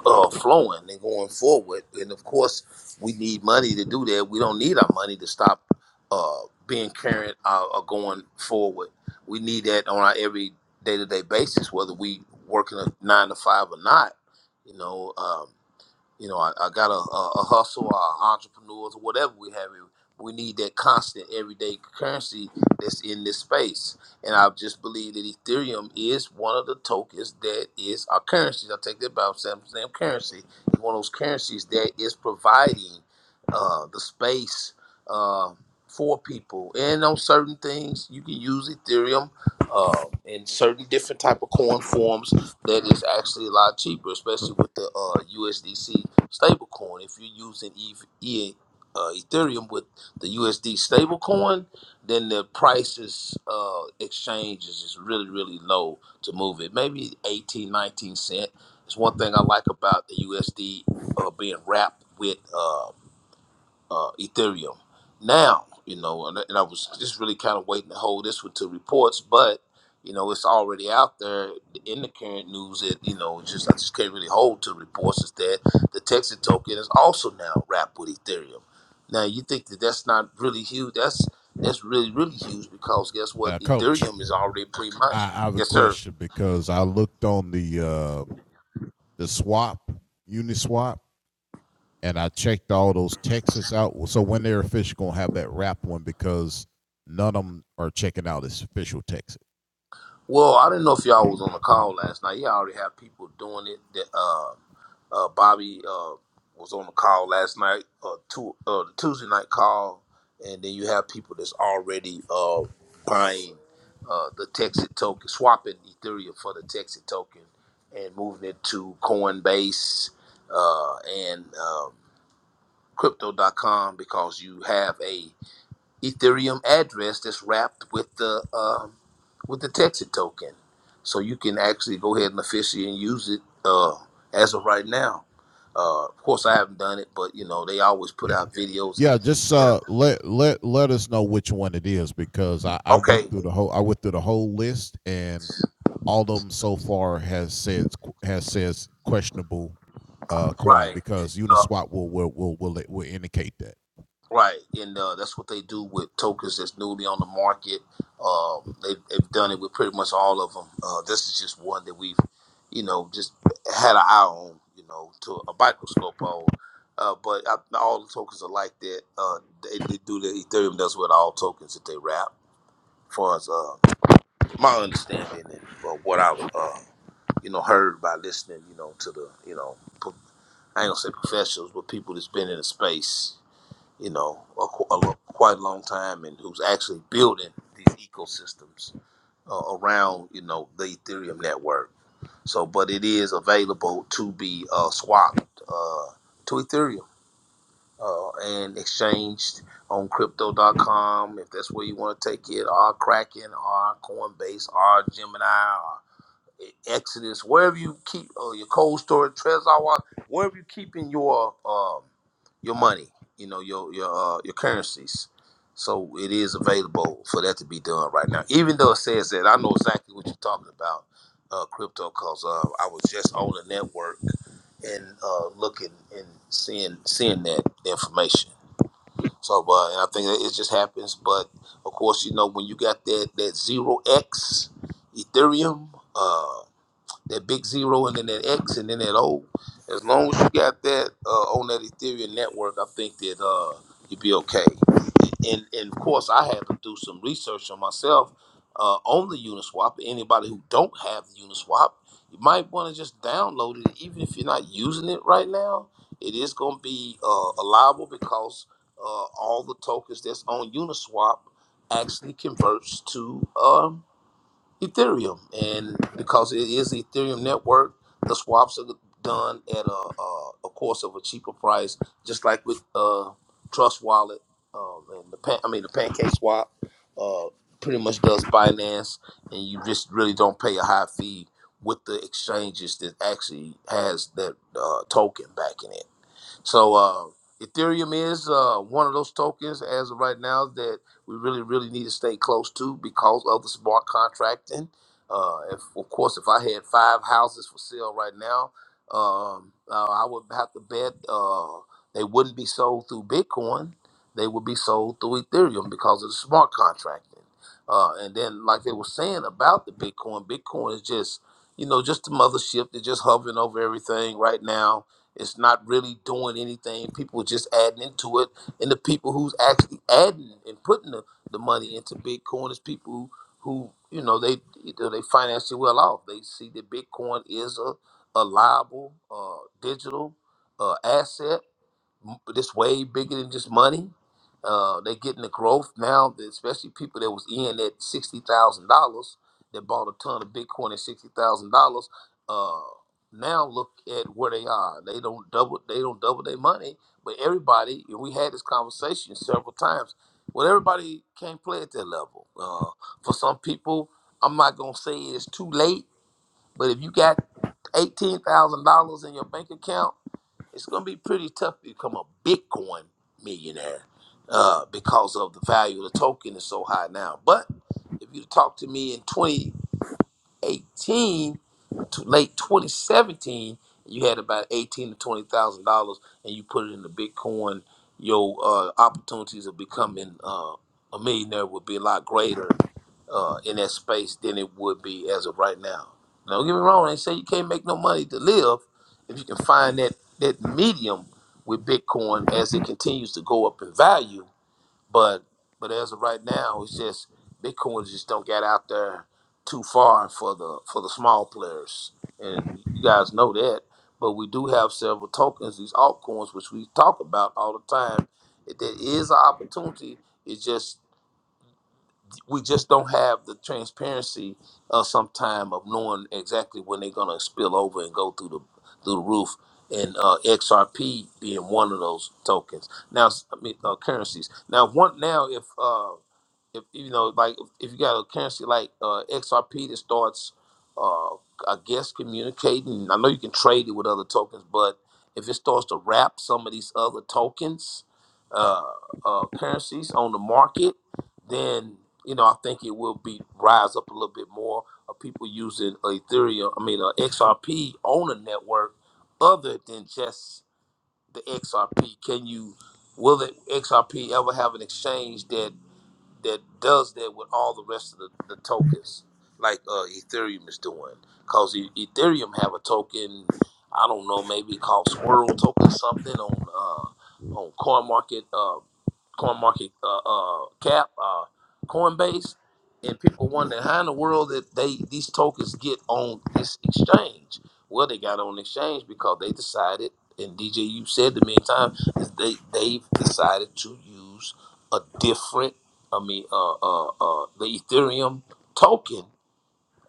C: uh, flowing and going forward. And of course, we need money to do that. We don't need our money to stop uh, being current uh, or going forward. We need that on our every day to day basis, whether we working a nine to five or not. You know, um, you know, I, I got a, a, a hustle, or entrepreneurs, or whatever we have. We need that constant everyday currency that's in this space. And I just believe that Ethereum is one of the tokens that is our currency. I take that back, Sam, Sam currency. It's one of those currencies that is providing uh, the space uh, for people. And on certain things, you can use Ethereum uh, in certain different type of coin forms that is actually a lot cheaper, especially with the uh, USDC stablecoin. If you're using EV, E- uh, Ethereum with the USD stablecoin, then the prices uh, exchanges is really really low to move it. Maybe 18, 19 cent. It's one thing I like about the USD uh, being wrapped with. Uh, uh, Ethereum. Now, you know, and, and I was just really kind of waiting to hold this one to reports, but you know, it's already out there in the current news. It you know, it's just I just can't really hold to reports is that the Texas token is also now wrapped with Ethereum. Now, you think that that's not really huge? That's that's really really huge because guess
B: that?
C: what?
B: Uh, Coach,
C: Ethereum is already
B: I,
C: pre-mined.
B: I have a
C: Yes, sir.
B: question because I looked on the uh, the swap, Uniswap, and I checked all those Texas out. Well, So when they're official, gonna have that wrap one because none of them are checking out as official Texas.
C: Well, I didn't know if y'all was on the call last night. Y'all already have people doing it. That um, uh, Bobby uh, was on the call last night, uh, two, uh, the Tuesday night call, and then you have people that's already uh, buying uh, the Texas token, swapping Ethereum for the Texas token, and moving it to Coinbase uh, and um, Crypto.com because you have a Ethereum address that's wrapped with the. um, with the Texas token. So you can actually go ahead and officially and use it uh, as of right now. Uh, of course, I haven't done it, but you know they always put
B: Yeah,
C: out videos and
B: yeah. Just uh, let let let us know which one it is because I I went
C: okay,
B: through the whole I went through the whole list and all of them so far has said has says questionable uh coin
C: right,
B: because
C: uh,
B: Uniswap will will will will, will indicate that.
C: right, and uh, that's what they do with tokens that's newly on the market. Um, they've, they've done it with pretty much all of them. Uh, this is just one that we've, you know, just had an eye on, you know, to a microscope on. Uh, but I, all the tokens are like that. Uh, they, they do the Ethereum does with all tokens that they wrap. far as uh, my understanding and uh, what I've uh, you know heard by listening, you know, to the you know pro- I ain't gonna say professionals, but people that's been in the space, you know, a, qu- a, lo- quite a long time and who's actually building these ecosystems uh, around you know the Ethereum network. So, but it is available to be uh, swapped uh, to Ethereum uh, and exchanged on crypto.com if that's where you want to take it, or Kraken, or Coinbase, or Gemini, Exodus, wherever you keep uh, your cold storage, Trezor, Wall, wherever you keeping your um your money, you know your your uh, your currencies. So it is available for that to be done right now. Even though it says that, I know exactly what you're talking about, uh, crypto, cause uh, I was just on the network and uh, looking and seeing seeing that information. So, uh, and I think that it just happens. But of course, you know when you got that that zero X Ethereum. Uh, that big zero and then that X and then that O. As long as you got that uh, on that Ethereum network, I think that uh, you'll be okay. And, and of course, I had to do some research on myself uh, on the Uniswap. Anybody who don't have the Uniswap, you might want to just download it, even if you're not using it right now. It is going to be uh, allowable because uh, all the tokens that's on Uniswap actually converts to um, Ethereum, and because it is the Ethereum network, the swaps are done at a, a, a course of a cheaper price, just like with uh, Trust Wallet um, and the pan, I mean the Pancake Swap. Uh, pretty much does Binance, and you just really don't pay a high fee with the exchanges that actually has that uh, token backing it. So uh, Ethereum is uh, one of those tokens as of right now that we really, really need to stay close to because of the smart contracting. Uh, if, of course, if I had five houses for sale right now, um, uh, I would have to bet uh, they wouldn't be sold through Bitcoin. They would be sold through Ethereum because of the smart contracting. Uh, and then, like they were saying about the Bitcoin, Bitcoin is just, you know, just the mothership. They're just hovering over everything right now it's not really doing anything. People are just adding into it. And the people who's actually adding and putting the, the money into Bitcoin is people who, who you know, they they financially well off. They see that Bitcoin is a, a liable uh, digital uh, asset this way bigger than just money. Uh, they're getting the growth now, especially people that was in at sixty thousand dollars that bought a ton of Bitcoin at sixty thousand dollars. Uh, now look at where they are. They don't double. They don't double their money. But everybody, and we had this conversation several times. Well, everybody can't play at that level. Uh, for some people, I'm not gonna say it's too late. But if you got eighteen thousand dollars in your bank account it's going to be pretty tough to become a Bitcoin millionaire uh, because of the value of the token is so high now. But if you talk to me in 20, Eighteen, to late 2017, you had about eighteen to twenty thousand dollars, and you put it into Bitcoin. Your uh, opportunities of becoming uh, a millionaire would be a lot greater uh, in that space than it would be as of right now. Now, don't get me wrong; they say you can't make no money to live if you can find that that medium with Bitcoin as it continues to go up in value but but as of right now, it's just Bitcoin just don't get out there too far for the for the small players, and you guys know that. But we do have several tokens, these altcoins, which we talk about all the time. If There is an opportunity. It's just we just don't have the transparency of some time of knowing exactly when they're gonna spill over and go through the through the roof. And uh, XRP being one of those tokens. Now, I mean, uh, currencies. Now, one now if uh, if you know, like if you got a currency like uh, XRP that starts, uh, I guess communicating. I know you can trade it with other tokens, but if it starts to wrap some of these other tokens, uh, uh, currencies on the market, then you know I think it will be rise up a little bit more of people using Ethereum. I mean, uh, XRP on a network other than just the XRP. Can you? Will the XRP ever have an exchange that? that does that with all the rest of the, the tokens, like uh, Ethereum is doing. Cause E- Ethereum have a token, I don't know, maybe called Squirrel token, something on uh, on CoinMarket. uh, coin market uh, uh, cap, uh, Coinbase, and people wondering how in the world that they these tokens get on this exchange. Well, they got on the exchange because they decided, and DJ, you said to me a time, is they they've decided to use a different, I mean, uh, uh, uh, the Ethereum token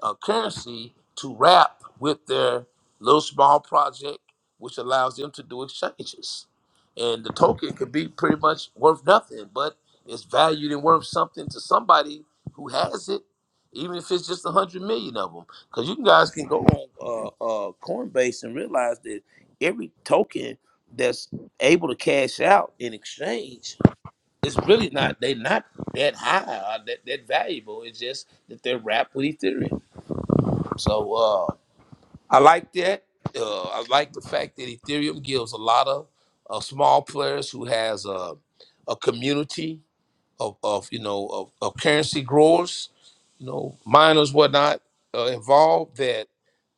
C: uh, currency to wrap with their little small project, which allows them to do exchanges. And the token could be pretty much worth nothing, but it's valued and worth something to somebody who has it, even if it's just a hundred million of them. Because you guys can go on uh, uh, Coinbase and realize that every token that's able to cash out in exchange is really not they're not that high, or that that valuable. It's just that they're wrapped with Ethereum. So uh, I like that. Uh, I like the fact that Ethereum gives a lot of uh, small players who has a, a community of, of you know of, of currency growers, you know miners whatnot uh, involved that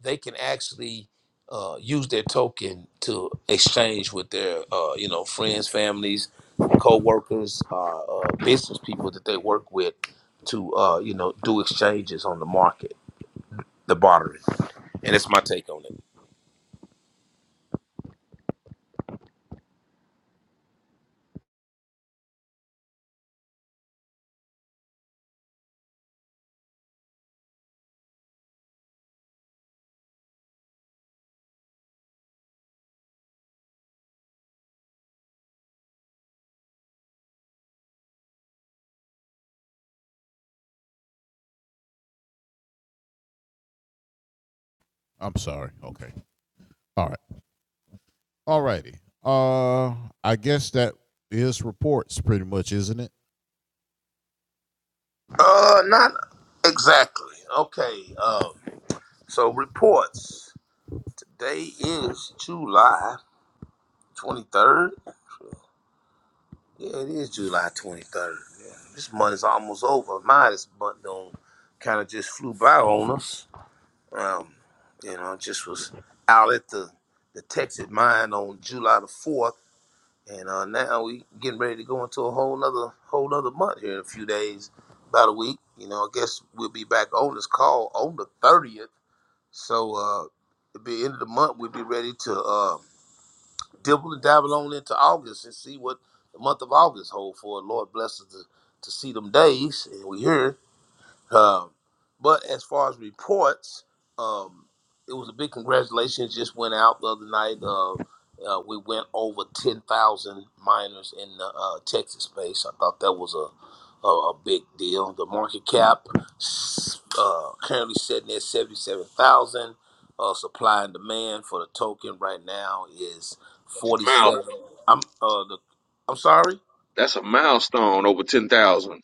C: they can actually uh, use their token to exchange with their uh, you know friends, families, co-workers, uh, uh, business people that they work with to uh, you know do exchanges on the market, the bartering and it's my take on it.
B: I'm sorry. Okay. All right. Alrighty. Uh, I guess that is reports, pretty much, isn't it?
C: Uh, not exactly. Okay. Um, so reports. Today is July twenty third. Yeah, it is July twenty third. Yeah. This month is almost over. My this month don't kind of just flew by on us. Um, you know, just was out at the the Texas mine on July the fourth And uh, now we getting ready to go into a whole nother whole nother month here in a few days, about a week. You know, I guess we'll be back on this call on the thirtieth. So uh at the end of the month we'll be ready to uh dibble and dabble on into August and see what the month of August hold for. Lord bless us to, to see them days and we here. Um, but as far as reports, um, it was a big congratulations. Just went out the other night. Uh, uh, we went over 10,000 miners in the uh, Texas space. I thought that was a, a, a big deal. The market cap uh, currently sitting at 77,000. Uh, supply and demand for the token right now is
A: Mile,
C: 47. I'm uh, the, I'm sorry.
A: that's a milestone over ten thousand.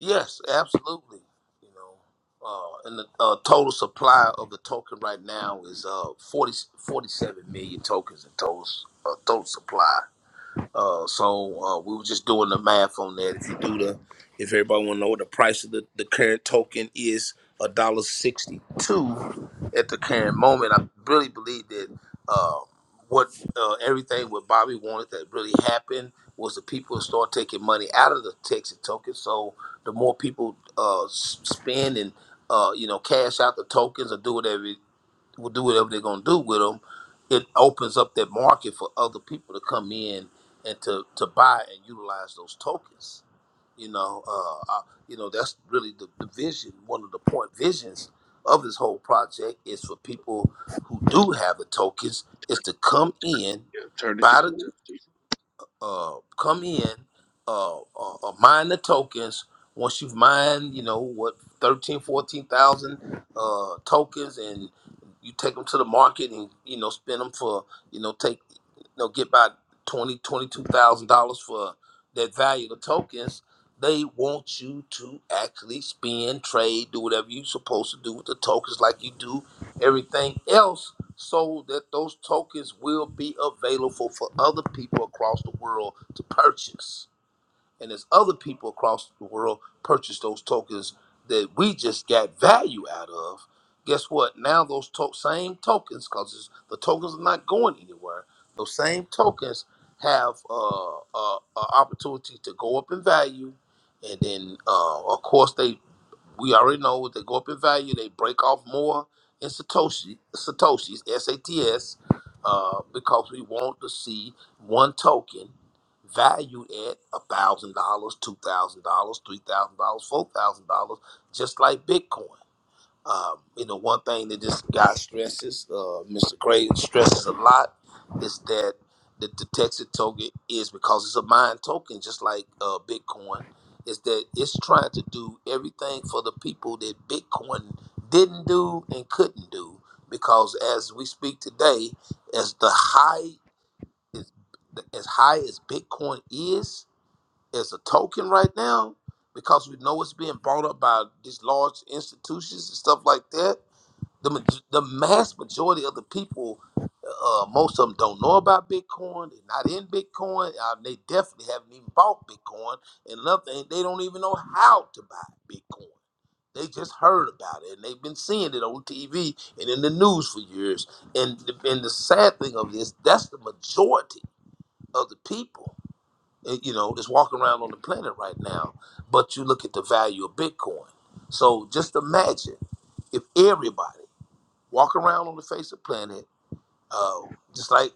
C: Yes, absolutely. You know, uh, and the uh, total supply of the token right now is uh forty forty seven million tokens in total uh, total supply. Uh, so uh, we were just doing the math on that. If you do the, if everybody want to know what the price of the, the current token is, a dollar sixty two at the current moment. I really believe that uh, what uh, everything what Bobby wanted that really happened was the people start taking money out of the Texas token. So the more people uh, s- spend and uh, you know cash out the tokens or do whatever will do whatever they're going to do with them, it opens up that market for other people to come in and to, to buy and utilize those tokens. You know, uh, I, you know that's really the, the vision. One of the point visions of this whole project is for people who do have the tokens is to come in,
A: Yeah, turn it to community.
C: uh, come in, uh, uh, uh, mine the tokens. Once you've mined, you know, what, 13, 14,000 uh, tokens, and you take them to the market and, you know, spend them for, you know, take, you know, get by twenty, twenty two thousand dollars for that value of the tokens. They want you to actually spend, trade, do whatever you're supposed to do with the tokens, like you do everything else so that those tokens will be available for other people across the world to purchase. And as other people across the world purchase those tokens that we just got value out of, guess what? Now those to- same tokens, because the tokens are not going anywhere, those same tokens have uh, uh, an opportunity to go up in value. And then, uh, of course, they. We already know what they go up in value, they break off more in Satoshi, Satoshi's SATS, uh, because we want to see one token valued at a thousand dollars, two thousand dollars, three thousand dollars, four thousand dollars, just like Bitcoin. Um, you know, one thing that this guy stresses, uh, Mr. Craig stresses a lot, is that the, the Texas token is because it's a mine token, just like uh, Bitcoin, is that it's trying to do everything for the people that Bitcoin didn't do and couldn't do. Because as we speak today, as the high is as high as Bitcoin is as a token right now, because we know it's being bought up by these large institutions and stuff like that the maj- the mass majority of the people, uh, most of them don't know about Bitcoin. They're not in Bitcoin. Uh, they definitely haven't even bought Bitcoin. And another thing, they don't even know how to buy Bitcoin. They just heard about it and they've been seeing it on TV and in the news for years. And the, and the sad thing of this, that's the majority of the people, uh, you know, that's walking around on the planet right now. But you look at the value of Bitcoin. So just imagine if everybody walk around on the face of the planet, uh, just like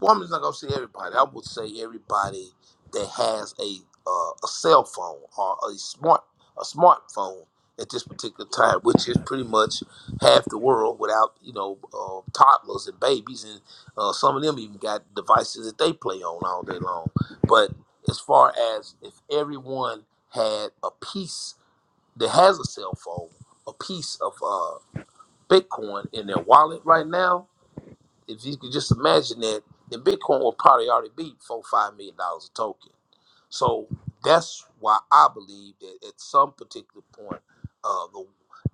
C: woman's not gonna say everybody. I would say everybody that has a uh, a cell phone or a smart a smartphone at this particular time, which is pretty much half the world without you know uh, toddlers and babies, and uh, some of them even got devices that they play on all day long. But as far as if everyone had a piece that has a cell phone, a piece of uh, Bitcoin in their wallet right now, if you could just imagine that, then Bitcoin will probably already be four, five million dollars a token. So that's why I believe that at some particular point, uh, the,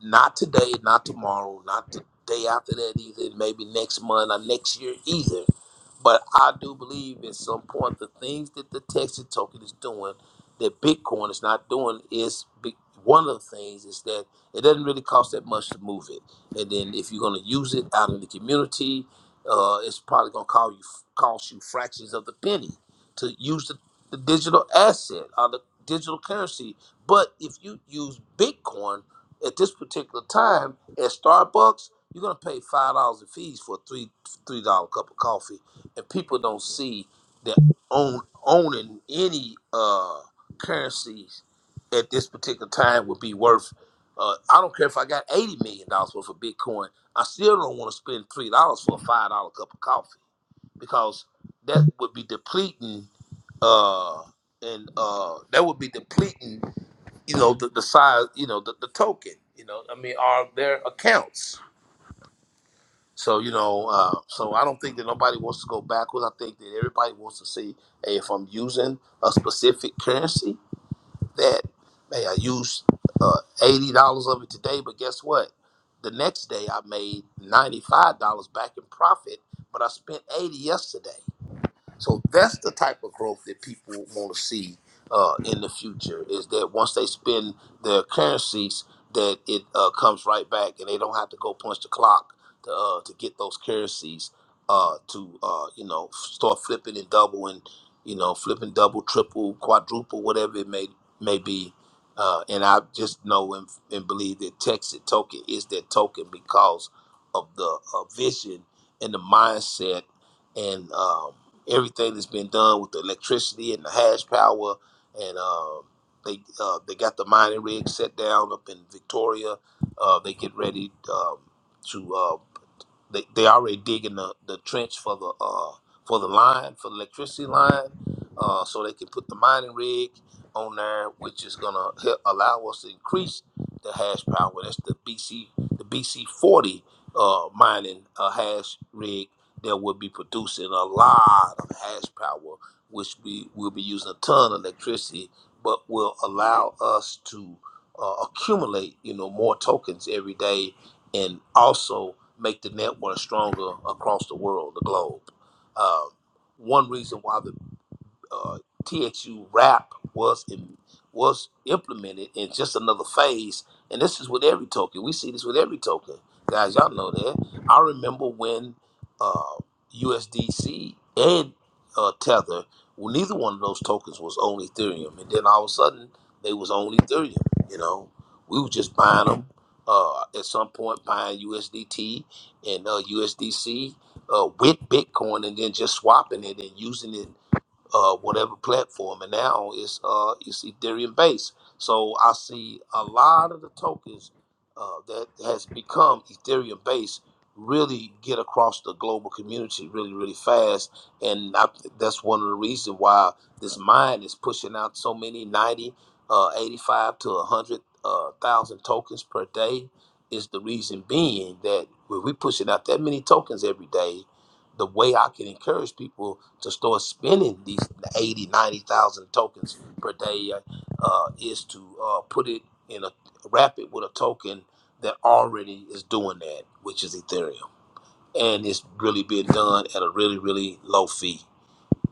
C: not today, not tomorrow, not the day after that either, maybe next month or next year either, but I do believe at some point the things that the Texas token is doing that Bitcoin is not doing is be, one of the things is that it doesn't really cost that much to move it. And then if you're going to use it out in the community, uh, it's probably going to cost you cost you fractions of the penny to use the the digital asset or the digital currency. But if you use Bitcoin at this particular time at Starbucks, you're gonna pay five dollars in fees for a three three dollar cup of coffee, and people don't see that own owning any uh currencies at this particular time would be worth. Uh, I don't care if I got eighty million dollars worth of Bitcoin. I still don't want to spend three dollars for a five dollar cup of coffee because that would be depleting uh, and uh, that would be depleting, you know, the, the size, you know, the, the token, you know, I mean, are their accounts. So you know, uh, so I don't think that nobody wants to go backwards. I think that everybody wants to see, hey, if I'm using a specific currency, that hey, I used uh, eighty dollars of it today, but guess what? The next day I made ninety five dollars back in profit, but I spent eighty yesterday. So that's the type of growth that people want to see uh, in the future. Is that once they spend their currencies, that it uh, comes right back, and they don't have to go punch the clock to uh, to get those currencies uh, to uh, you know f- start flipping and doubling, you know flipping double, triple, quadruple, whatever it may may be. Uh, and I just know and, and believe that Texas token is that token because of the uh, vision and the mindset and um, everything that's been done with the electricity and the hash power, and um, they uh, they got the mining rig set down up in Victoria. Uh, they get ready um, to. uh, they they already digging the, the trench for the uh for the line for the electricity line, uh, so they can put the mining rig on there, which is gonna help allow us to increase the hash power. That's the BC the BC forty uh mining uh, hash rig that will be producing a lot of hash power, which we will be using a ton of electricity, but will allow us to uh, accumulate, you know, more tokens every day and also make the network stronger across the world, the globe. Um, one reason why the uh, TXU rap was in, was implemented in just another phase, and this is with every token. We see this with every token, guys. Y'all know that. I remember when uh, USDC and uh, Tether, well, neither one of those tokens was on Ethereum, and then all of a sudden they was on Ethereum. You know, we were just buying them. Uh, at some point, buying USDT and uh, USDC uh, with Bitcoin, and then just swapping it and using it uh, whatever platform, and now it's uh, it's Ethereum based. So I see a lot of the tokens uh, that has become Ethereum based really get across the global community really really fast, and I, that's one of the reasons why this mine is pushing out so many 90, uh, 85 to 100 uh, thousand tokens per day. Is the reason being that when we pushing out that many tokens every day the way I can encourage people to start spending these 80, 90,000 tokens per day uh, is to uh, put it in a wrap it with a token that already is doing that, which is Ethereum. And it's really being done at a really, really low fee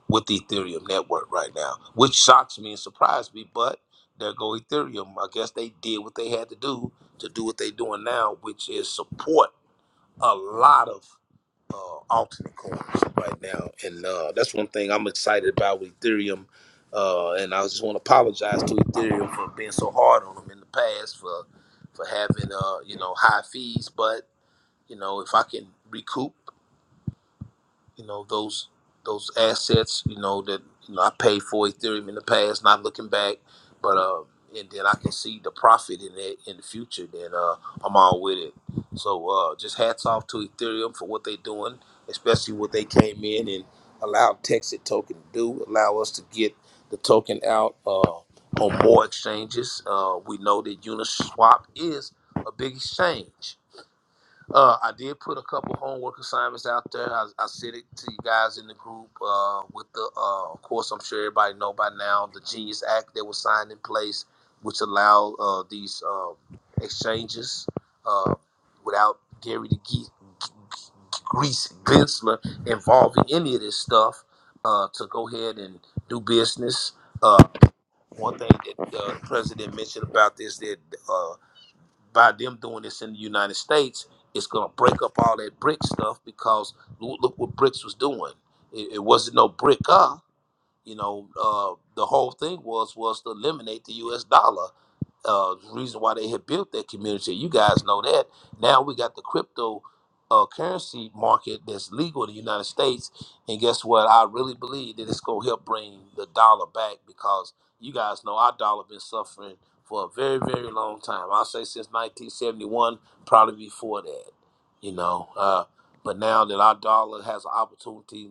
C: with the Ethereum network right now, which shocks me and surprised me. But there go Ethereum. I guess they did what they had to do to do what they're doing now, which is support a lot of uh, alternate coins right now, and uh, that's one thing I'm excited about with Ethereum. Uh, and I just want to apologize to Ethereum for being so hard on them in the past for for having uh, you know high fees. But you know if I can recoup you know those those assets you know that you know I paid for Ethereum in the past, not looking back, but uh, and then I can see the profit in it in the future. Then uh, I'm all with it. So uh, just hats off to Ethereum for what they're doing, especially what they came in and allowed Texas token to do, allow us to get the token out uh, on more exchanges. Uh, we know that Uniswap is a big exchange. Uh, I did put a couple homework assignments out there. I, I sent it to you guys in the group uh, with the, uh, of course, I'm sure everybody know by now, the Genius Act that was signed in place, which allowed uh, these uh, exchanges uh, without Gary the Geek, Grease Gensler, involved in any of this stuff uh, to go ahead and do business. Uh, one thing that uh, the president mentioned about this that uh, by them doing this in the United States, it's going to break up all that brick stuff because loo- look what BRICS was doing. It, it wasn't no brick up. You know, uh, the whole thing was was to eliminate the U.S. dollar uh, reason why they had built that community. You guys know that. Now we got the crypto uh, currency market that's legal in the United States, and guess what? I really believe that it's gonna help bring the dollar back because you guys know our dollar been suffering for a very, very long time. I'll say since 1971, probably before that. You know, uh, but now that our dollar has an opportunity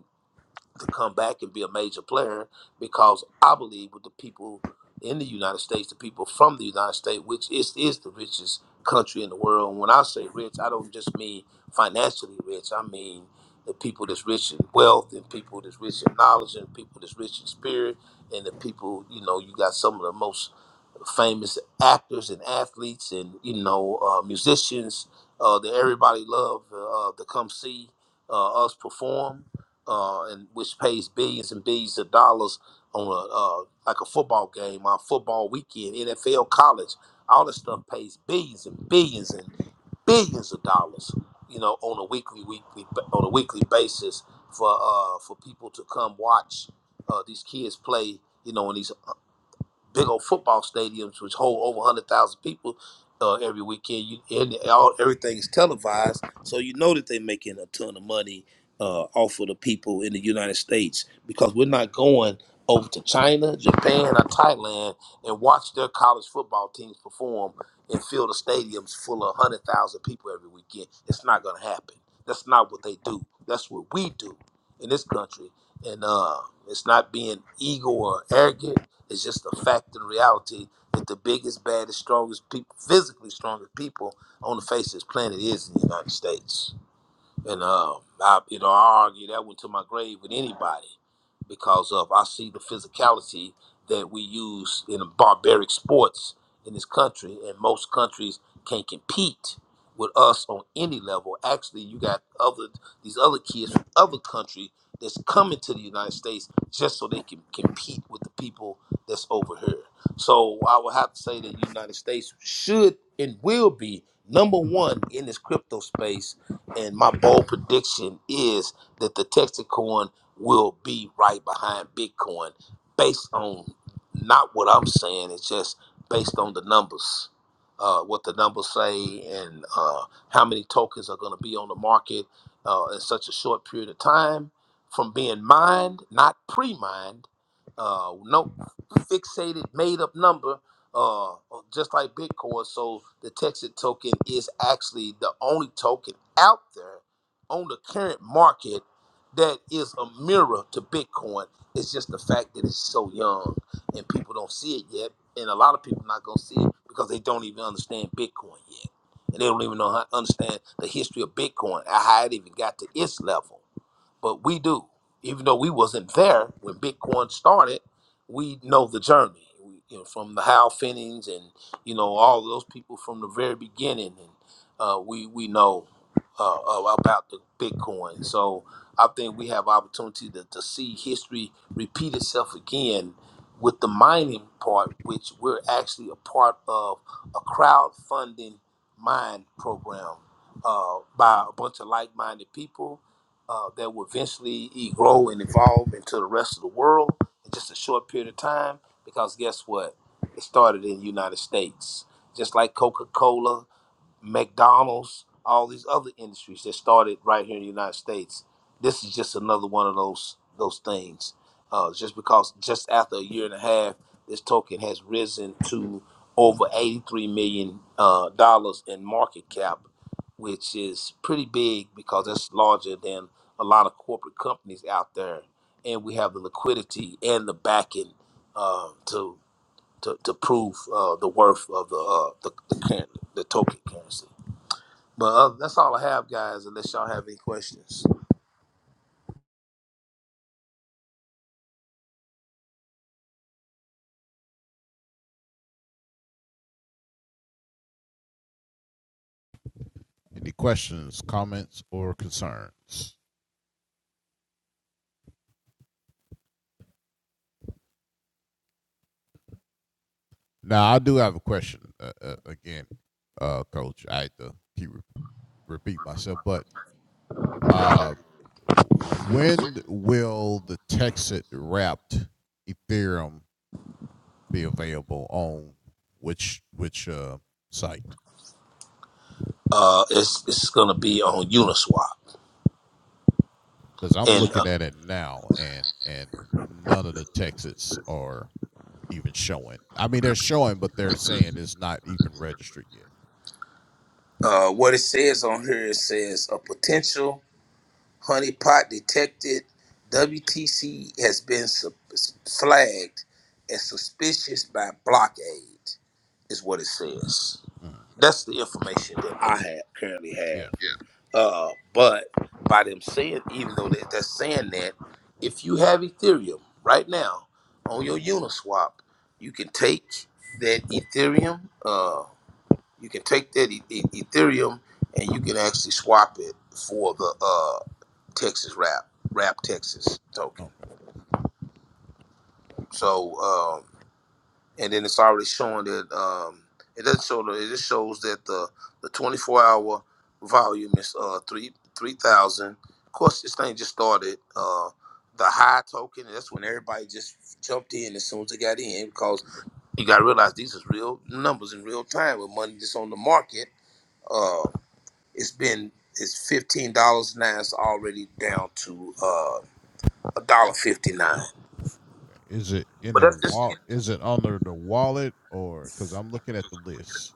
C: to come back and be a major player because I believe with the people in the United States, the people from the United States, which is is the richest country in the world. And when I say rich, I don't just mean financially rich. I mean the people that's rich in wealth and people that's rich in knowledge and people that's rich in spirit and the people, you know, you got some of the most famous actors and athletes and you know uh, musicians uh, that everybody loved uh, to come see uh, us perform, uh, and which pays billions and billions of dollars on a uh, like a football game, on football weekend, NFL, college, all this stuff pays billions and billions and billions of dollars, you know, on a weekly weekly on a weekly basis for uh, for people to come watch uh, these kids play. You know, in these big old football stadiums which hold over 100,000 people uh, every weekend you, and all everything's televised so you know that they're making a ton of money uh, off of the people in the United States because we're not going over to China, Japan, or Thailand and watch their college football teams perform and fill the stadiums full of 100,000 people every weekend. It's not going to happen. That's not what they do. That's what we do in this country. And uh, it's not being ego or arrogant it's just a fact and reality that the biggest, baddest, strongest, peop physically strongest people on the face of this planet is in the United States. And um, I, you know, I argue that one to my grave with anybody because of I see the physicality that we use in barbaric sports in this country, and most countries can't compete with us on any level. Actually, you got other these other kids from other countries that's coming to the United States just so they can compete with the people that's over here. So I would have to say that the United States should and will be number one in this crypto space and my bold prediction is that the Texas will be right behind Bitcoin based on not what I'm saying, it's just based on the numbers, uh, what the numbers say, and uh, how many tokens are going to be on the market uh, in such a short period of time from being mined, not pre mined, uh, no fixated, made up number uh, just like Bitcoin. So the Texas token is actually the only token out there on the current market that is a mirror to Bitcoin. It's just the fact that it's so young and people don't see it yet, and a lot of people not gonna see it because they don't even understand Bitcoin yet, and they don't even know how understand the history of Bitcoin how it even got to its level but we do. Even though we wasn't there when Bitcoin started, we know the journey. We, you know, from the Hal Finnings and you know all those people from the very beginning, and uh, we we know uh, uh, about the Bitcoin. So I think we have opportunity to, to see history repeat itself again with the mining part, which we're actually a part of a crowdfunding mine program uh, by a bunch of like-minded people uh, that will eventually e- grow and evolve into the rest of the world in just a short period of time. Because guess what? It started in the United States. Just like Coca Cola, McDonald's, all these other industries that started right here in the United States. This is just another one of those those things. Uh, just because just after a year and a half, this token has risen to over eighty three million uh, dollars in market cap, which is pretty big because that's larger than a lot of corporate companies out there. And we have the liquidity and the backing uh, to, to to prove uh, the worth of the uh, the, the, current, the token currency. But uh, that's all I have, guys. Unless y'all have any questions,
B: Any questions, comments, or concerns? Now, I do have a question uh, uh, again, uh, Coach. I had to keep re- repeat myself, but uh, when will the Texas wrapped Ethereum be available on which which uh, site?
C: uh, it's it's gonna be on Uniswap,
B: Because I'm
C: and
B: looking
C: uh,
B: at it now, and and none of the Texas are even showing. I mean, they're showing, but they're saying it's not even registered yet.
C: uh, what it says on here it says a potential honeypot detected. WTC has been su- flagged as suspicious by Blockade, is what it says.
B: Uh-huh.
C: That's the information that I have currently
B: Yeah.
C: have. Uh, but by them saying, even though they- they're saying that, if you have Ethereum right now on your Uniswap, you can take that Ethereum, uh, you can take that e- E- Ethereum, and you can actually swap it for the uh, Texas Wrap, Wrap Texas token.
B: Okay. okay.
C: So. um, and then it's already showing that um, it doesn't show that it just shows that the the 24 hour volume is uh three three thousand. Of course, this thing just started. Uh, the high token that's when everybody just jumped in as soon as they got in because you got to realize these is real numbers in real time with money that's on the market. Uh, it's been it's fifteen dollars now. It's already down to uh a dollar fifty nine.
B: Is it in
C: But
B: a
C: that's just
B: wallet? Is it under the wallet or because I'm looking at the list?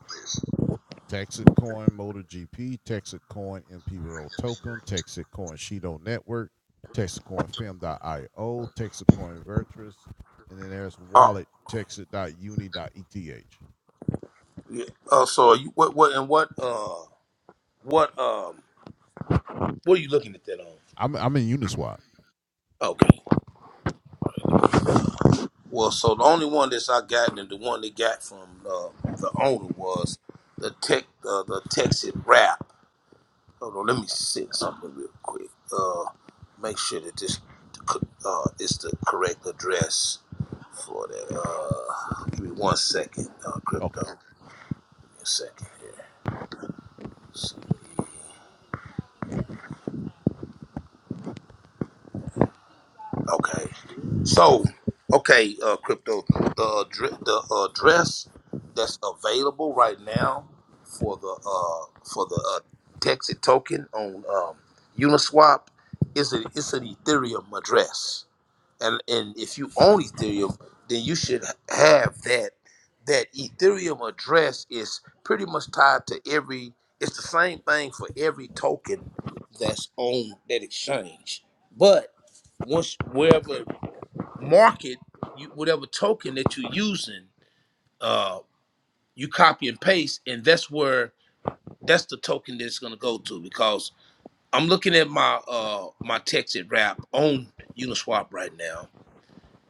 B: Texas Coin Motor GP, Texas Coin MP Roll Token, Texas Coin Shido Network, Texas Coin Film.io, Texas Coin Vertress, and then there's
C: uh,
B: wallet texit dot Uni Texas.uni.eth.
C: yeah, uh, so are you what what and what? uh. What um what are you looking at that on?
B: I'm I'm in Uniswap.
C: Okay. Well, so the only one that's I got and the one they got from uh, the owner was the tech uh, the Texas rap. Hold on, let me send something real quick. Uh, make sure that this uh is the correct address for that. Uh, give me one second, uh,
B: Okay.
C: crypto. Give me a second here. Okay. So, okay, uh, crypto, the addre- the address that's available right now for the uh, for the uh, Texas token on um, Uniswap is a, it's an Ethereum address and and if you own Ethereum, then you should have that. That Ethereum address is pretty much tied to every. It's the same thing for every token that's on that exchange. But once wherever market, you, whatever token that you're using, uh, you copy and paste, and that's where that's the token that's gonna go to. Because I'm looking at my uh my Texas wrap on Uniswap right now,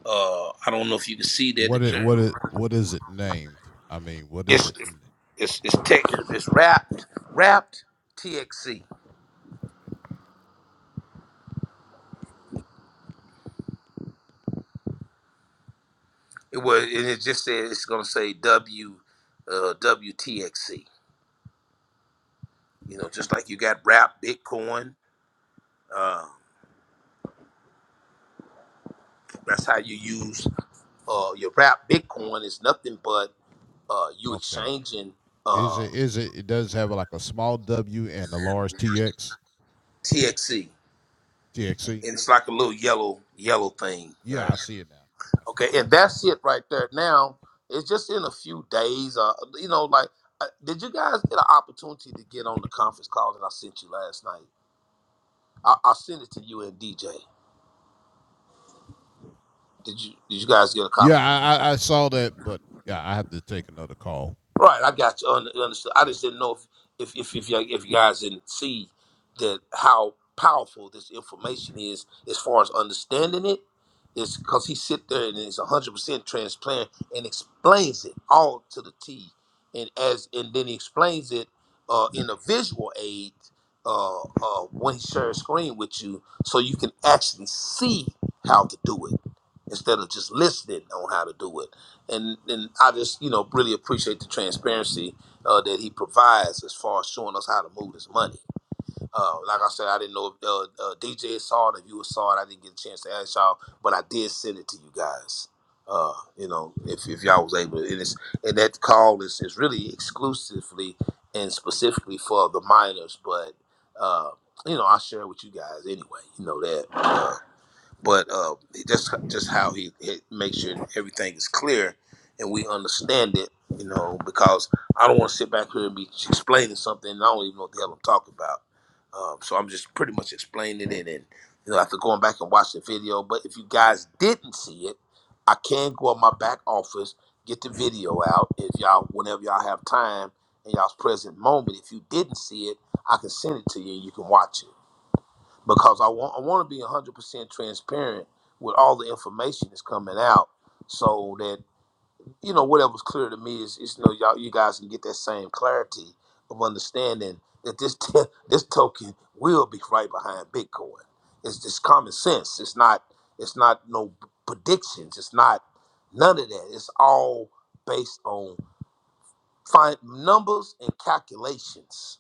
C: uh, I don't know if you can see that the
B: What it
C: current
B: what it what is it named? I mean, what is
C: it's
B: it?
C: it's it's tech, it's wrapped wrapped TXC. It was and it just said it's gonna say W uh, WTXC. You know, just like you got wrapped Bitcoin. Um, that's how you use uh, your wrapped Bitcoin is nothing but uh, you
B: Okay.
C: exchanging
B: Is
C: uh,
B: it is it it does have like a small W and a large TX
C: TXC,
B: TXC?
C: and it's like a little yellow yellow thing there.
B: Yeah, I see it now. I see
C: Okay, and that's it right there. Now it's just in a few days. Uh, you know, like, uh, did you guys get an opportunity to get on the conference call that I sent you last night? I, I sent it to you and DJ. Did you Did you guys get a
B: Yeah,
C: copy?
B: I, I, I saw that, but yeah, I have to take another call.
C: Right, I got you. Un- Understood. I
B: Yeah.
C: just didn't know if if if if you, if you guys didn't see that how powerful this information is as far as understanding it. It's because he sit there and is hundred percent transparent and explains it all to the T, and as and then he explains it uh, in a visual aid uh, uh, when he shares screen with you, so you can actually see how to do it instead of just listening on how to do it and and I just you know really appreciate the transparency uh, that he provides as far as showing us how to move this money. Uh, like I said, I didn't know if uh, uh, DJ saw it, if you saw it, I didn't get a chance to ask y'all, but I did send it to you guys. Uh, you know, if, if y'all was able, and it's and that call is is really exclusively and specifically for the minors, but uh, you know I share it with you guys anyway. You know that but uh, just just how he, he makes sure everything is clear and we understand it, you know, because I don't want to sit back here and be explaining something and I don't even know what the hell I'm talking about. Um, so I'm just pretty much explaining it, and you know, after going back and watching the video. But if you guys didn't see it, I can go in my back office, get the video out if y'all, whenever y'all have time in y'all's present moment. If you didn't see it, I can send it to you and you can watch it because I want I want to be 100% transparent with all the information that's coming out so that you know whatever's clear to me is, is you know y'all you guys can get that same clarity of understanding that this this token will be right behind Bitcoin. It's just common sense. It's not it's not no predictions. It's not none of that. It's all based on find numbers and calculations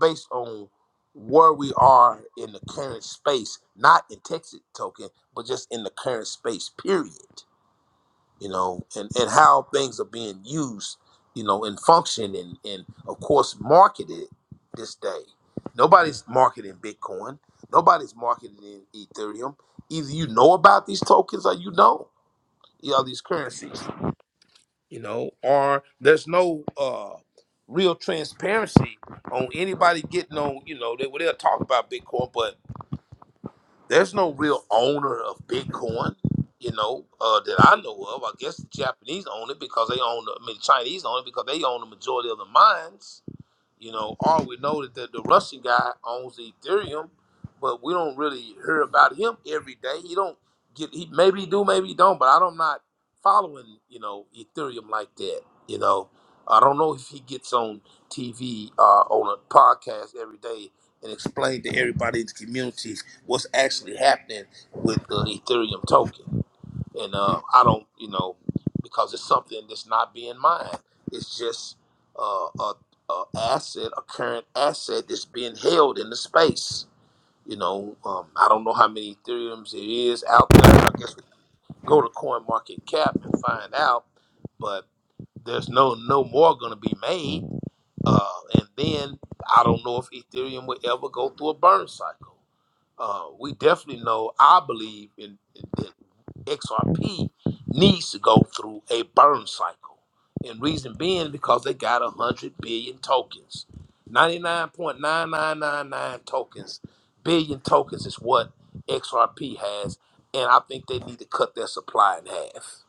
C: based on where we are in the current space, not in Texas token, but just in the current space, period. You know, and, and how things are being used, you know, and function and, and of course marketed this day. Nobody's marketing Bitcoin. Nobody's marketing Ethereum. Either you know about these tokens or you don't. You know, these currencies you know, or there's no uh real transparency on anybody getting on, you know, they well, they'll talk about Bitcoin, but there's no real owner of Bitcoin, you know, uh that I know of. I guess the Japanese own it because they own the, I mean the Chinese own it because they own the majority of the mines you know, all we know that the, the Russian guy owns Ethereum, but we don't really hear about him every day. He don't get he maybe he do, maybe he don't, but I don't not following, you know, Ethereum like that. You know. I don't know if he gets on TV uh, on a podcast every day and explain to everybody in the community what's actually happening with the Ethereum token and uh, I don't, you know, because it's something that's not being mined. It's just uh, a, a asset, a current asset that's being held in the space. You know, um, I don't know how many Ethereums there is out there. I guess we can go to CoinMarketCap and find out. But there's no no more going to be made. Uh, and then I don't know if Ethereum will ever go through a burn cycle. Uh, we definitely know, I believe, in, that XRP needs to go through a burn cycle. And reason being because they got 100 billion tokens. 99.9999 tokens, billion tokens is what XRP has. And I think they need to cut their supply in half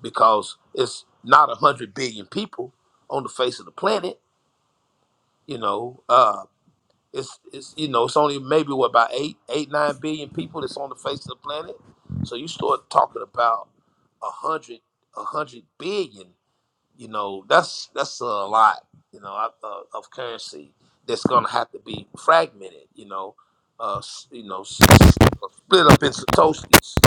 C: because it's not 100 billion people on the face of the planet, you know. Uh, it's, it's you know it's only maybe what about eight eight nine billion people that's on the face of the planet. So you start talking about a hundred a hundred billion. You know that's that's a lot. You know of of- of currency that's gonna have to be fragmented. You know, uh, s- you know, s- s- split up into satoshis.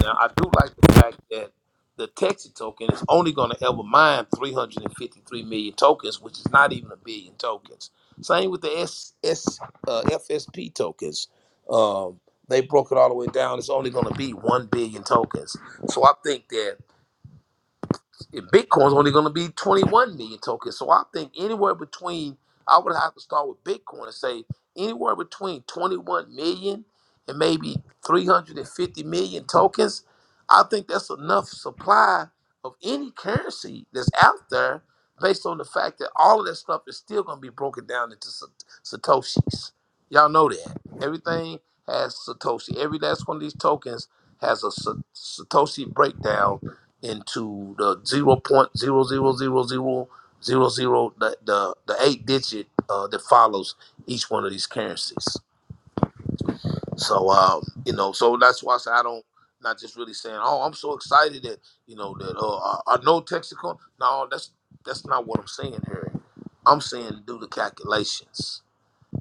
C: Now, I do like the fact that the Texas token is only going to ever mine 353 million tokens, which is not even a billion tokens. Same with the S, S, uh, FSP tokens. Um, they broke it all the way down. It's only going to be 1 billion tokens. So I think that. Bitcoin's only going to be 21 million tokens. So I think anywhere between, I would have to start with Bitcoin and say anywhere between 21 million and maybe 350 million tokens. I think that's enough supply of any currency that's out there based on the fact that all of that stuff is still going to be broken down into sa- Satoshis. Y'all know that. Everything has Satoshi. Every last one of these tokens has a sa- Satoshi breakdown into the zero point zero zero zero zero zero zero the the, the eight digit uh, that follows each one of these currencies. So um, you know, so that's why I say I don't not just really saying, oh, I'm so excited that you know that uh, I, I know Texaco. No, that's that's not what I'm saying, here. I'm saying do the calculations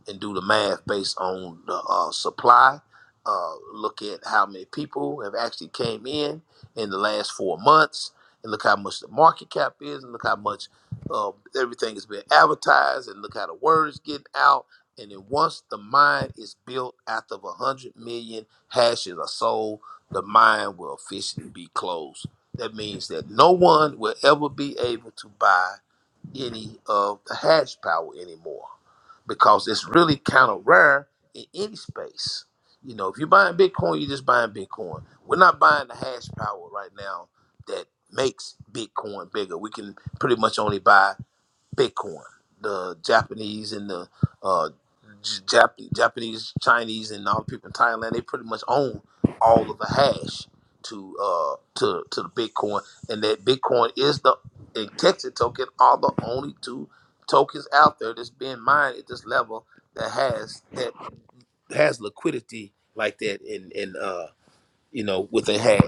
C: and do the math based on the uh, supply. Uh, look at how many people have actually came in in the last four months, and look how much the market cap is, and look how much uh, everything has been advertised, and look how the word is getting out. And then once the mine is built, after a hundred million hashes are sold, the mine will officially be closed. That means that no one will ever be able to buy any of the hash power anymore because it's really kind of rare in any space. You know, if you're buying Bitcoin, you're just buying Bitcoin. We're not buying the hash power right now that makes Bitcoin bigger. We can pretty much only buy Bitcoin, the Japanese and the uh, J- Jap- Japanese, Chinese, and all the people in Thailand, they pretty much own all of the hash to uh, to to the Bitcoin, and that Bitcoin is the and Texas token are the only two tokens out there that's being mined at this level that has that has liquidity like that, and and uh, you know with a hash.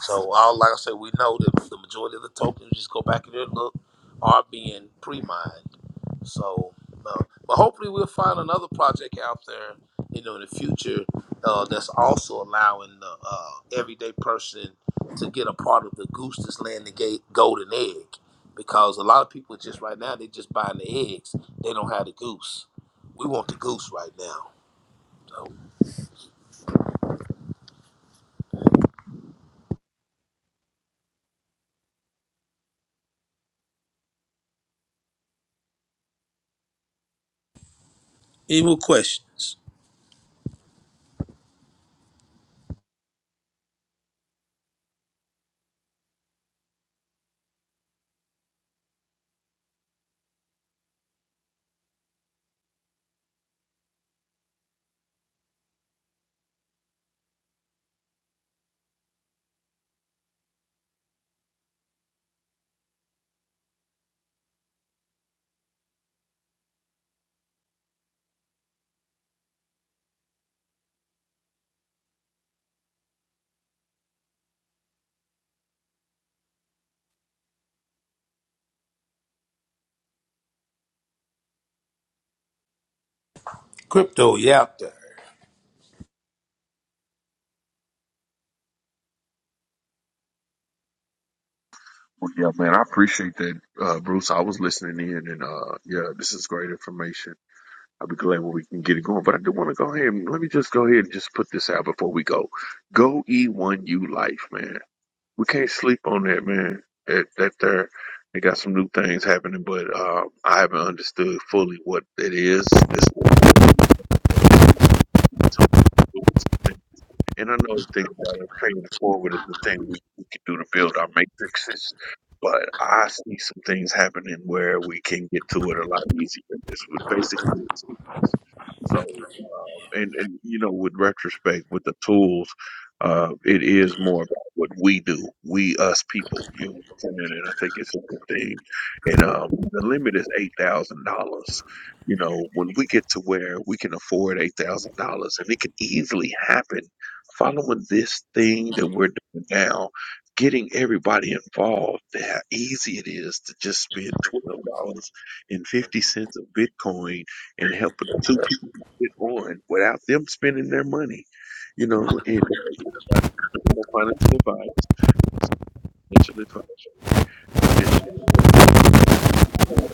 C: So all like I said, we know that the majority of the tokens just go back in there and look are being pre-mined. So, uh, but hopefully we'll find another project out there, you know, in the future uh, that's also allowing the uh, everyday person to get a part of the goose that's laying the gate golden egg. Because a lot of people just right now they just buying the eggs, they don't have the goose. We want the goose right now. So, any more questions? Crypto, you out there?
A: Well, yeah, man, I appreciate that, uh, Bruce. I was listening in, and uh, yeah, this is great information. I'll be glad when we can get it going. But I do want to go ahead and let me just go ahead and just put this out before we go. Go E1U Life, man. We can't sleep on that, man. That that there, they got some new things happening, but uh, I haven't understood fully what it is. This And I know the thing about it, paying it forward is the thing we, we can do to build our matrices, but I see some things happening where we can get to it a lot easier. This would basically what it is. so uh, and and you know with retrospect with the tools, uh, it is more about what we do, we us people. You know, what I'm saying? and I think it's a good thing. And um, the limit is eight thousand dollars. You know, when we get to where we can afford eight thousand dollars, and it can easily happen following this thing that we're doing now, getting everybody involved, how easy it is to just spend twelve dollars and fifty cents of Bitcoin and helping two people get on without them spending their money, you know, and uh, you know, not no financial advice. It's financial advice. It's financial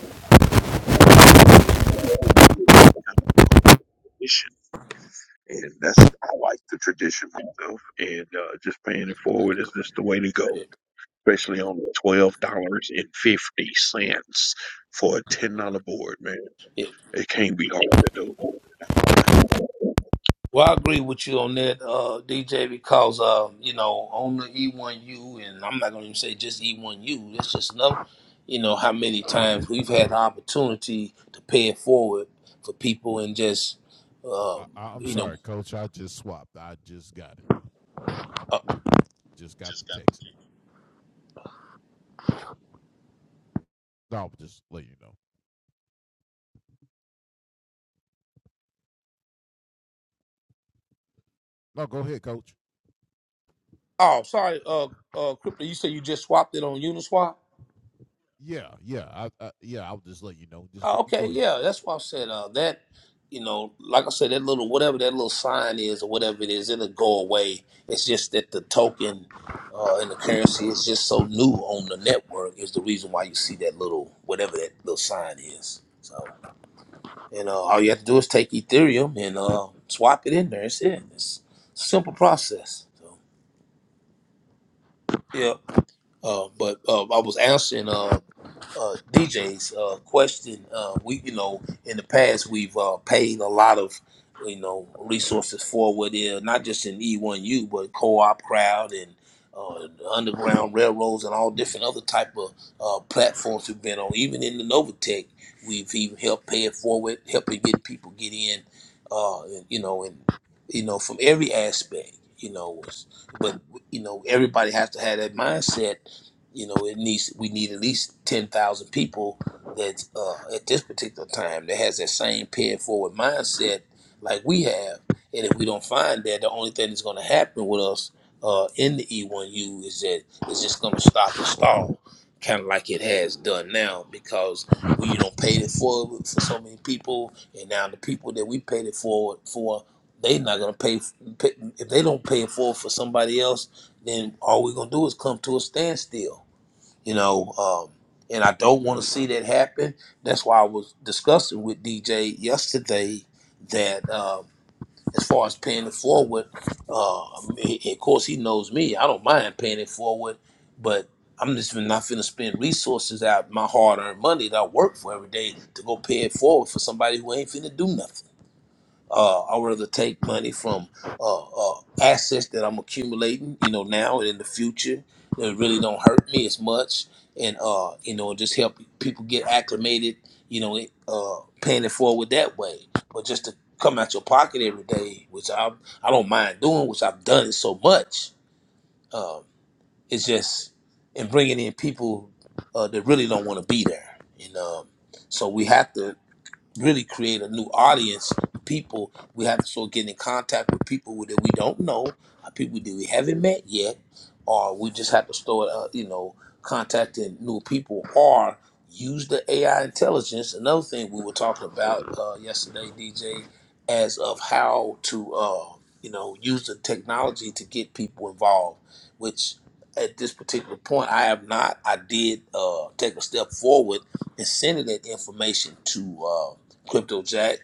A: advice. And that's I like the tradition myself, and uh, just paying it forward is just the way to go. Especially on the twelve dollars and fifty cents for a ten dollar board, man.
C: Yeah.
A: It can't be hard to do. That's my take.
C: Well, I agree with you on that, uh, DJ, because uh, you know, on the E1U, and I'm not going to even say just E1U. It's just another, you know, how many times we've had the opportunity to pay it forward for people and just, uh,
B: I, I, I'm
C: you know.
B: sorry, Coach. I just swapped. I just got it. Just got the text. No, I'll just let you know. No, go ahead, Coach.
C: Oh, sorry, uh, uh, Crypto, you said you just swapped it on Uniswap.
B: Yeah, yeah, I, I yeah. I'll just let you know. Just go.
C: Oh,
B: You go
C: Okay,
B: ahead.
C: yeah, that's why I said uh, that. You know, like I said, that little whatever that little sign is or whatever it is, it'll go away. It's just that the token uh, and the currency is just so new on the network is the reason why you see that little whatever that little sign is. So, you know, all you have to do is take Ethereum and uh, swap it in there. It's it. It's a simple process. So, yeah. Uh, but uh, I was answering. uh, uh, DJ's uh, question. Uh, we, you know, in the past we've uh, paid a lot of, you know, resources forward there, not just in E1U, but co-op crowd and uh, the underground railroads and all different other type of uh, platforms we've been on. Even in the Novatech, we've even helped pay it forward, helping get people get in, uh, and, you know, and you know from every aspect, you know, but you know everybody has to have that mindset you know, it needs we need at least ten thousand people that uh, at this particular time that has that same pay it forward mindset like we have. And if we don't find that, the only thing that's going to happen with us uh, in the E1U is that it's just going to stop and stall, kind of like it has done now, because we don't pay it forward for so many people, and now the people that we paid it forward for. They are not gonna pay, pay if they don't pay it forward for somebody else. Then all we're gonna do is come to a standstill you know um, and i don't want to see that happen that's why i was discussing with dj yesterday that um, as far as paying it forward uh, I of course he knows me i don't mind paying it forward but i'm just not finna spend resources out my hard-earned money that i work for every day to go pay it forward for somebody who ain't finna do nothing uh, I'd rather take money from uh, uh, assets that I'm accumulating, you know, now and in the future that really don't hurt me as much, and uh, you know, just help people get acclimated, you know, it, uh, paying it forward that way. But just to come out your pocket every day, which I I don't mind doing, which I've done it so much. Um, it's just and bringing in people uh, that really don't want to be there, and um, so we have to really create a new audience. People we have to start getting in contact with people that we don't know, uh, people that we haven't met yet, or we just have to start, uh, you know, contacting new people or use the AI intelligence. Another thing we were talking about uh, yesterday, DJ, as of how to, uh, you know, use the technology to get people involved, which at this particular point I have not. I did uh, take a step forward and sending that information to uh, Crypto Jack,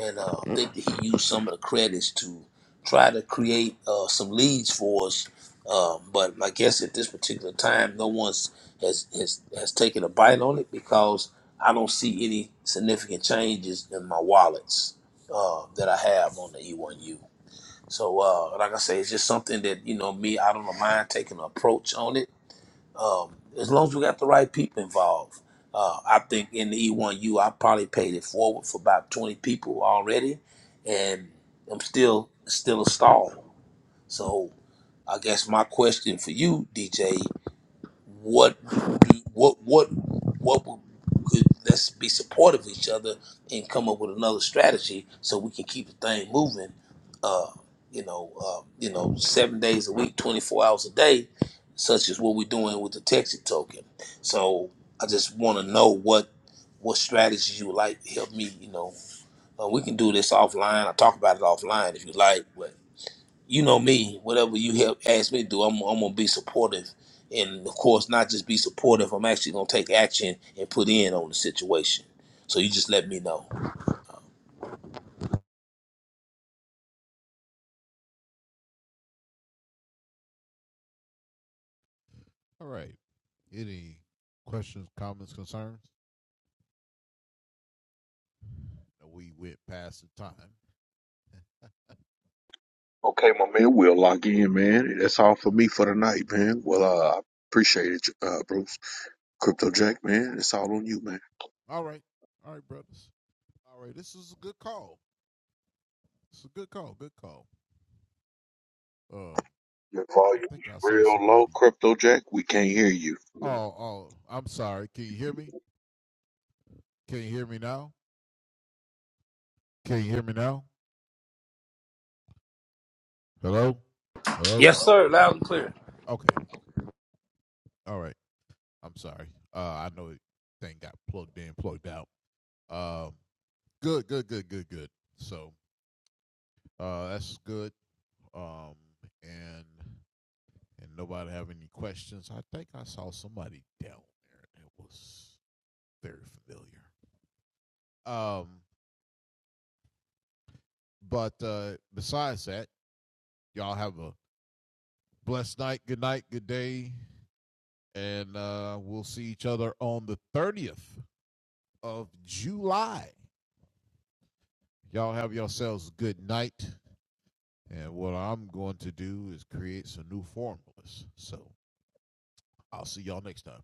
C: and uh, I think that he used some of the credits to try to create uh, some leads for us. Um, but I guess at this particular time, no one's has, has has taken a bite on it because I don't see any significant changes in my wallets uh, that I have on the E1U. So, uh, like I say, it's just something that you know me. I don't mind taking an approach on it um, as long as we got the right people involved. Uh, I think in the E1U, I probably paid it forward for about 20 people already, and I'm still still a stall. So I guess my question for you, DJ, what what what what we could let's be supportive of each other and come up with another strategy so we can keep the thing moving uh you know uh you know seven days a week 24 hours a day such as what we're doing with the texas token so i just want to know what what strategies you would like to help me you know uh, we can do this offline i talk about it offline if you like you know me, whatever you help ask me to do, I'm, I'm gonna be supportive, and of course, not just be supportive. I'm actually gonna take action and put in on the situation. So you just let me know.
B: All right. Any questions, comments, concerns? We went past the time.
A: Okay, my man, we'll lock in, man. That's all for me for the night, man. Well, uh, I appreciate it, uh, Bruce. Crypto Jack, man, it's all on you, man.
B: All right. All right, brothers. All right, this is a good call. It's a good call. Good call. Um,
A: Your
B: I
A: volume
B: think
A: is
B: I saw
A: real low,
B: somebody.
A: Crypto Jack. We can't hear you.
B: Oh, oh, I'm sorry. Can you hear me? Can you hear me now? Can you hear me now? Hello, hello.
C: Yes, sir. Loud and clear.
B: Okay. All right. I'm sorry. Uh, I know it thing got plugged in, plugged out. Um, good, good, good, good, good. So, uh, that's good. Um, and and nobody have any questions. I think I saw somebody down there that was very familiar. Um, But uh, besides that, y'all have a blessed night, good night, good day, and uh, we'll see each other on the 30th of July. Y'all have yourselves a good night. And what I'm going to do is create some new formulas. So I'll see y'all next time.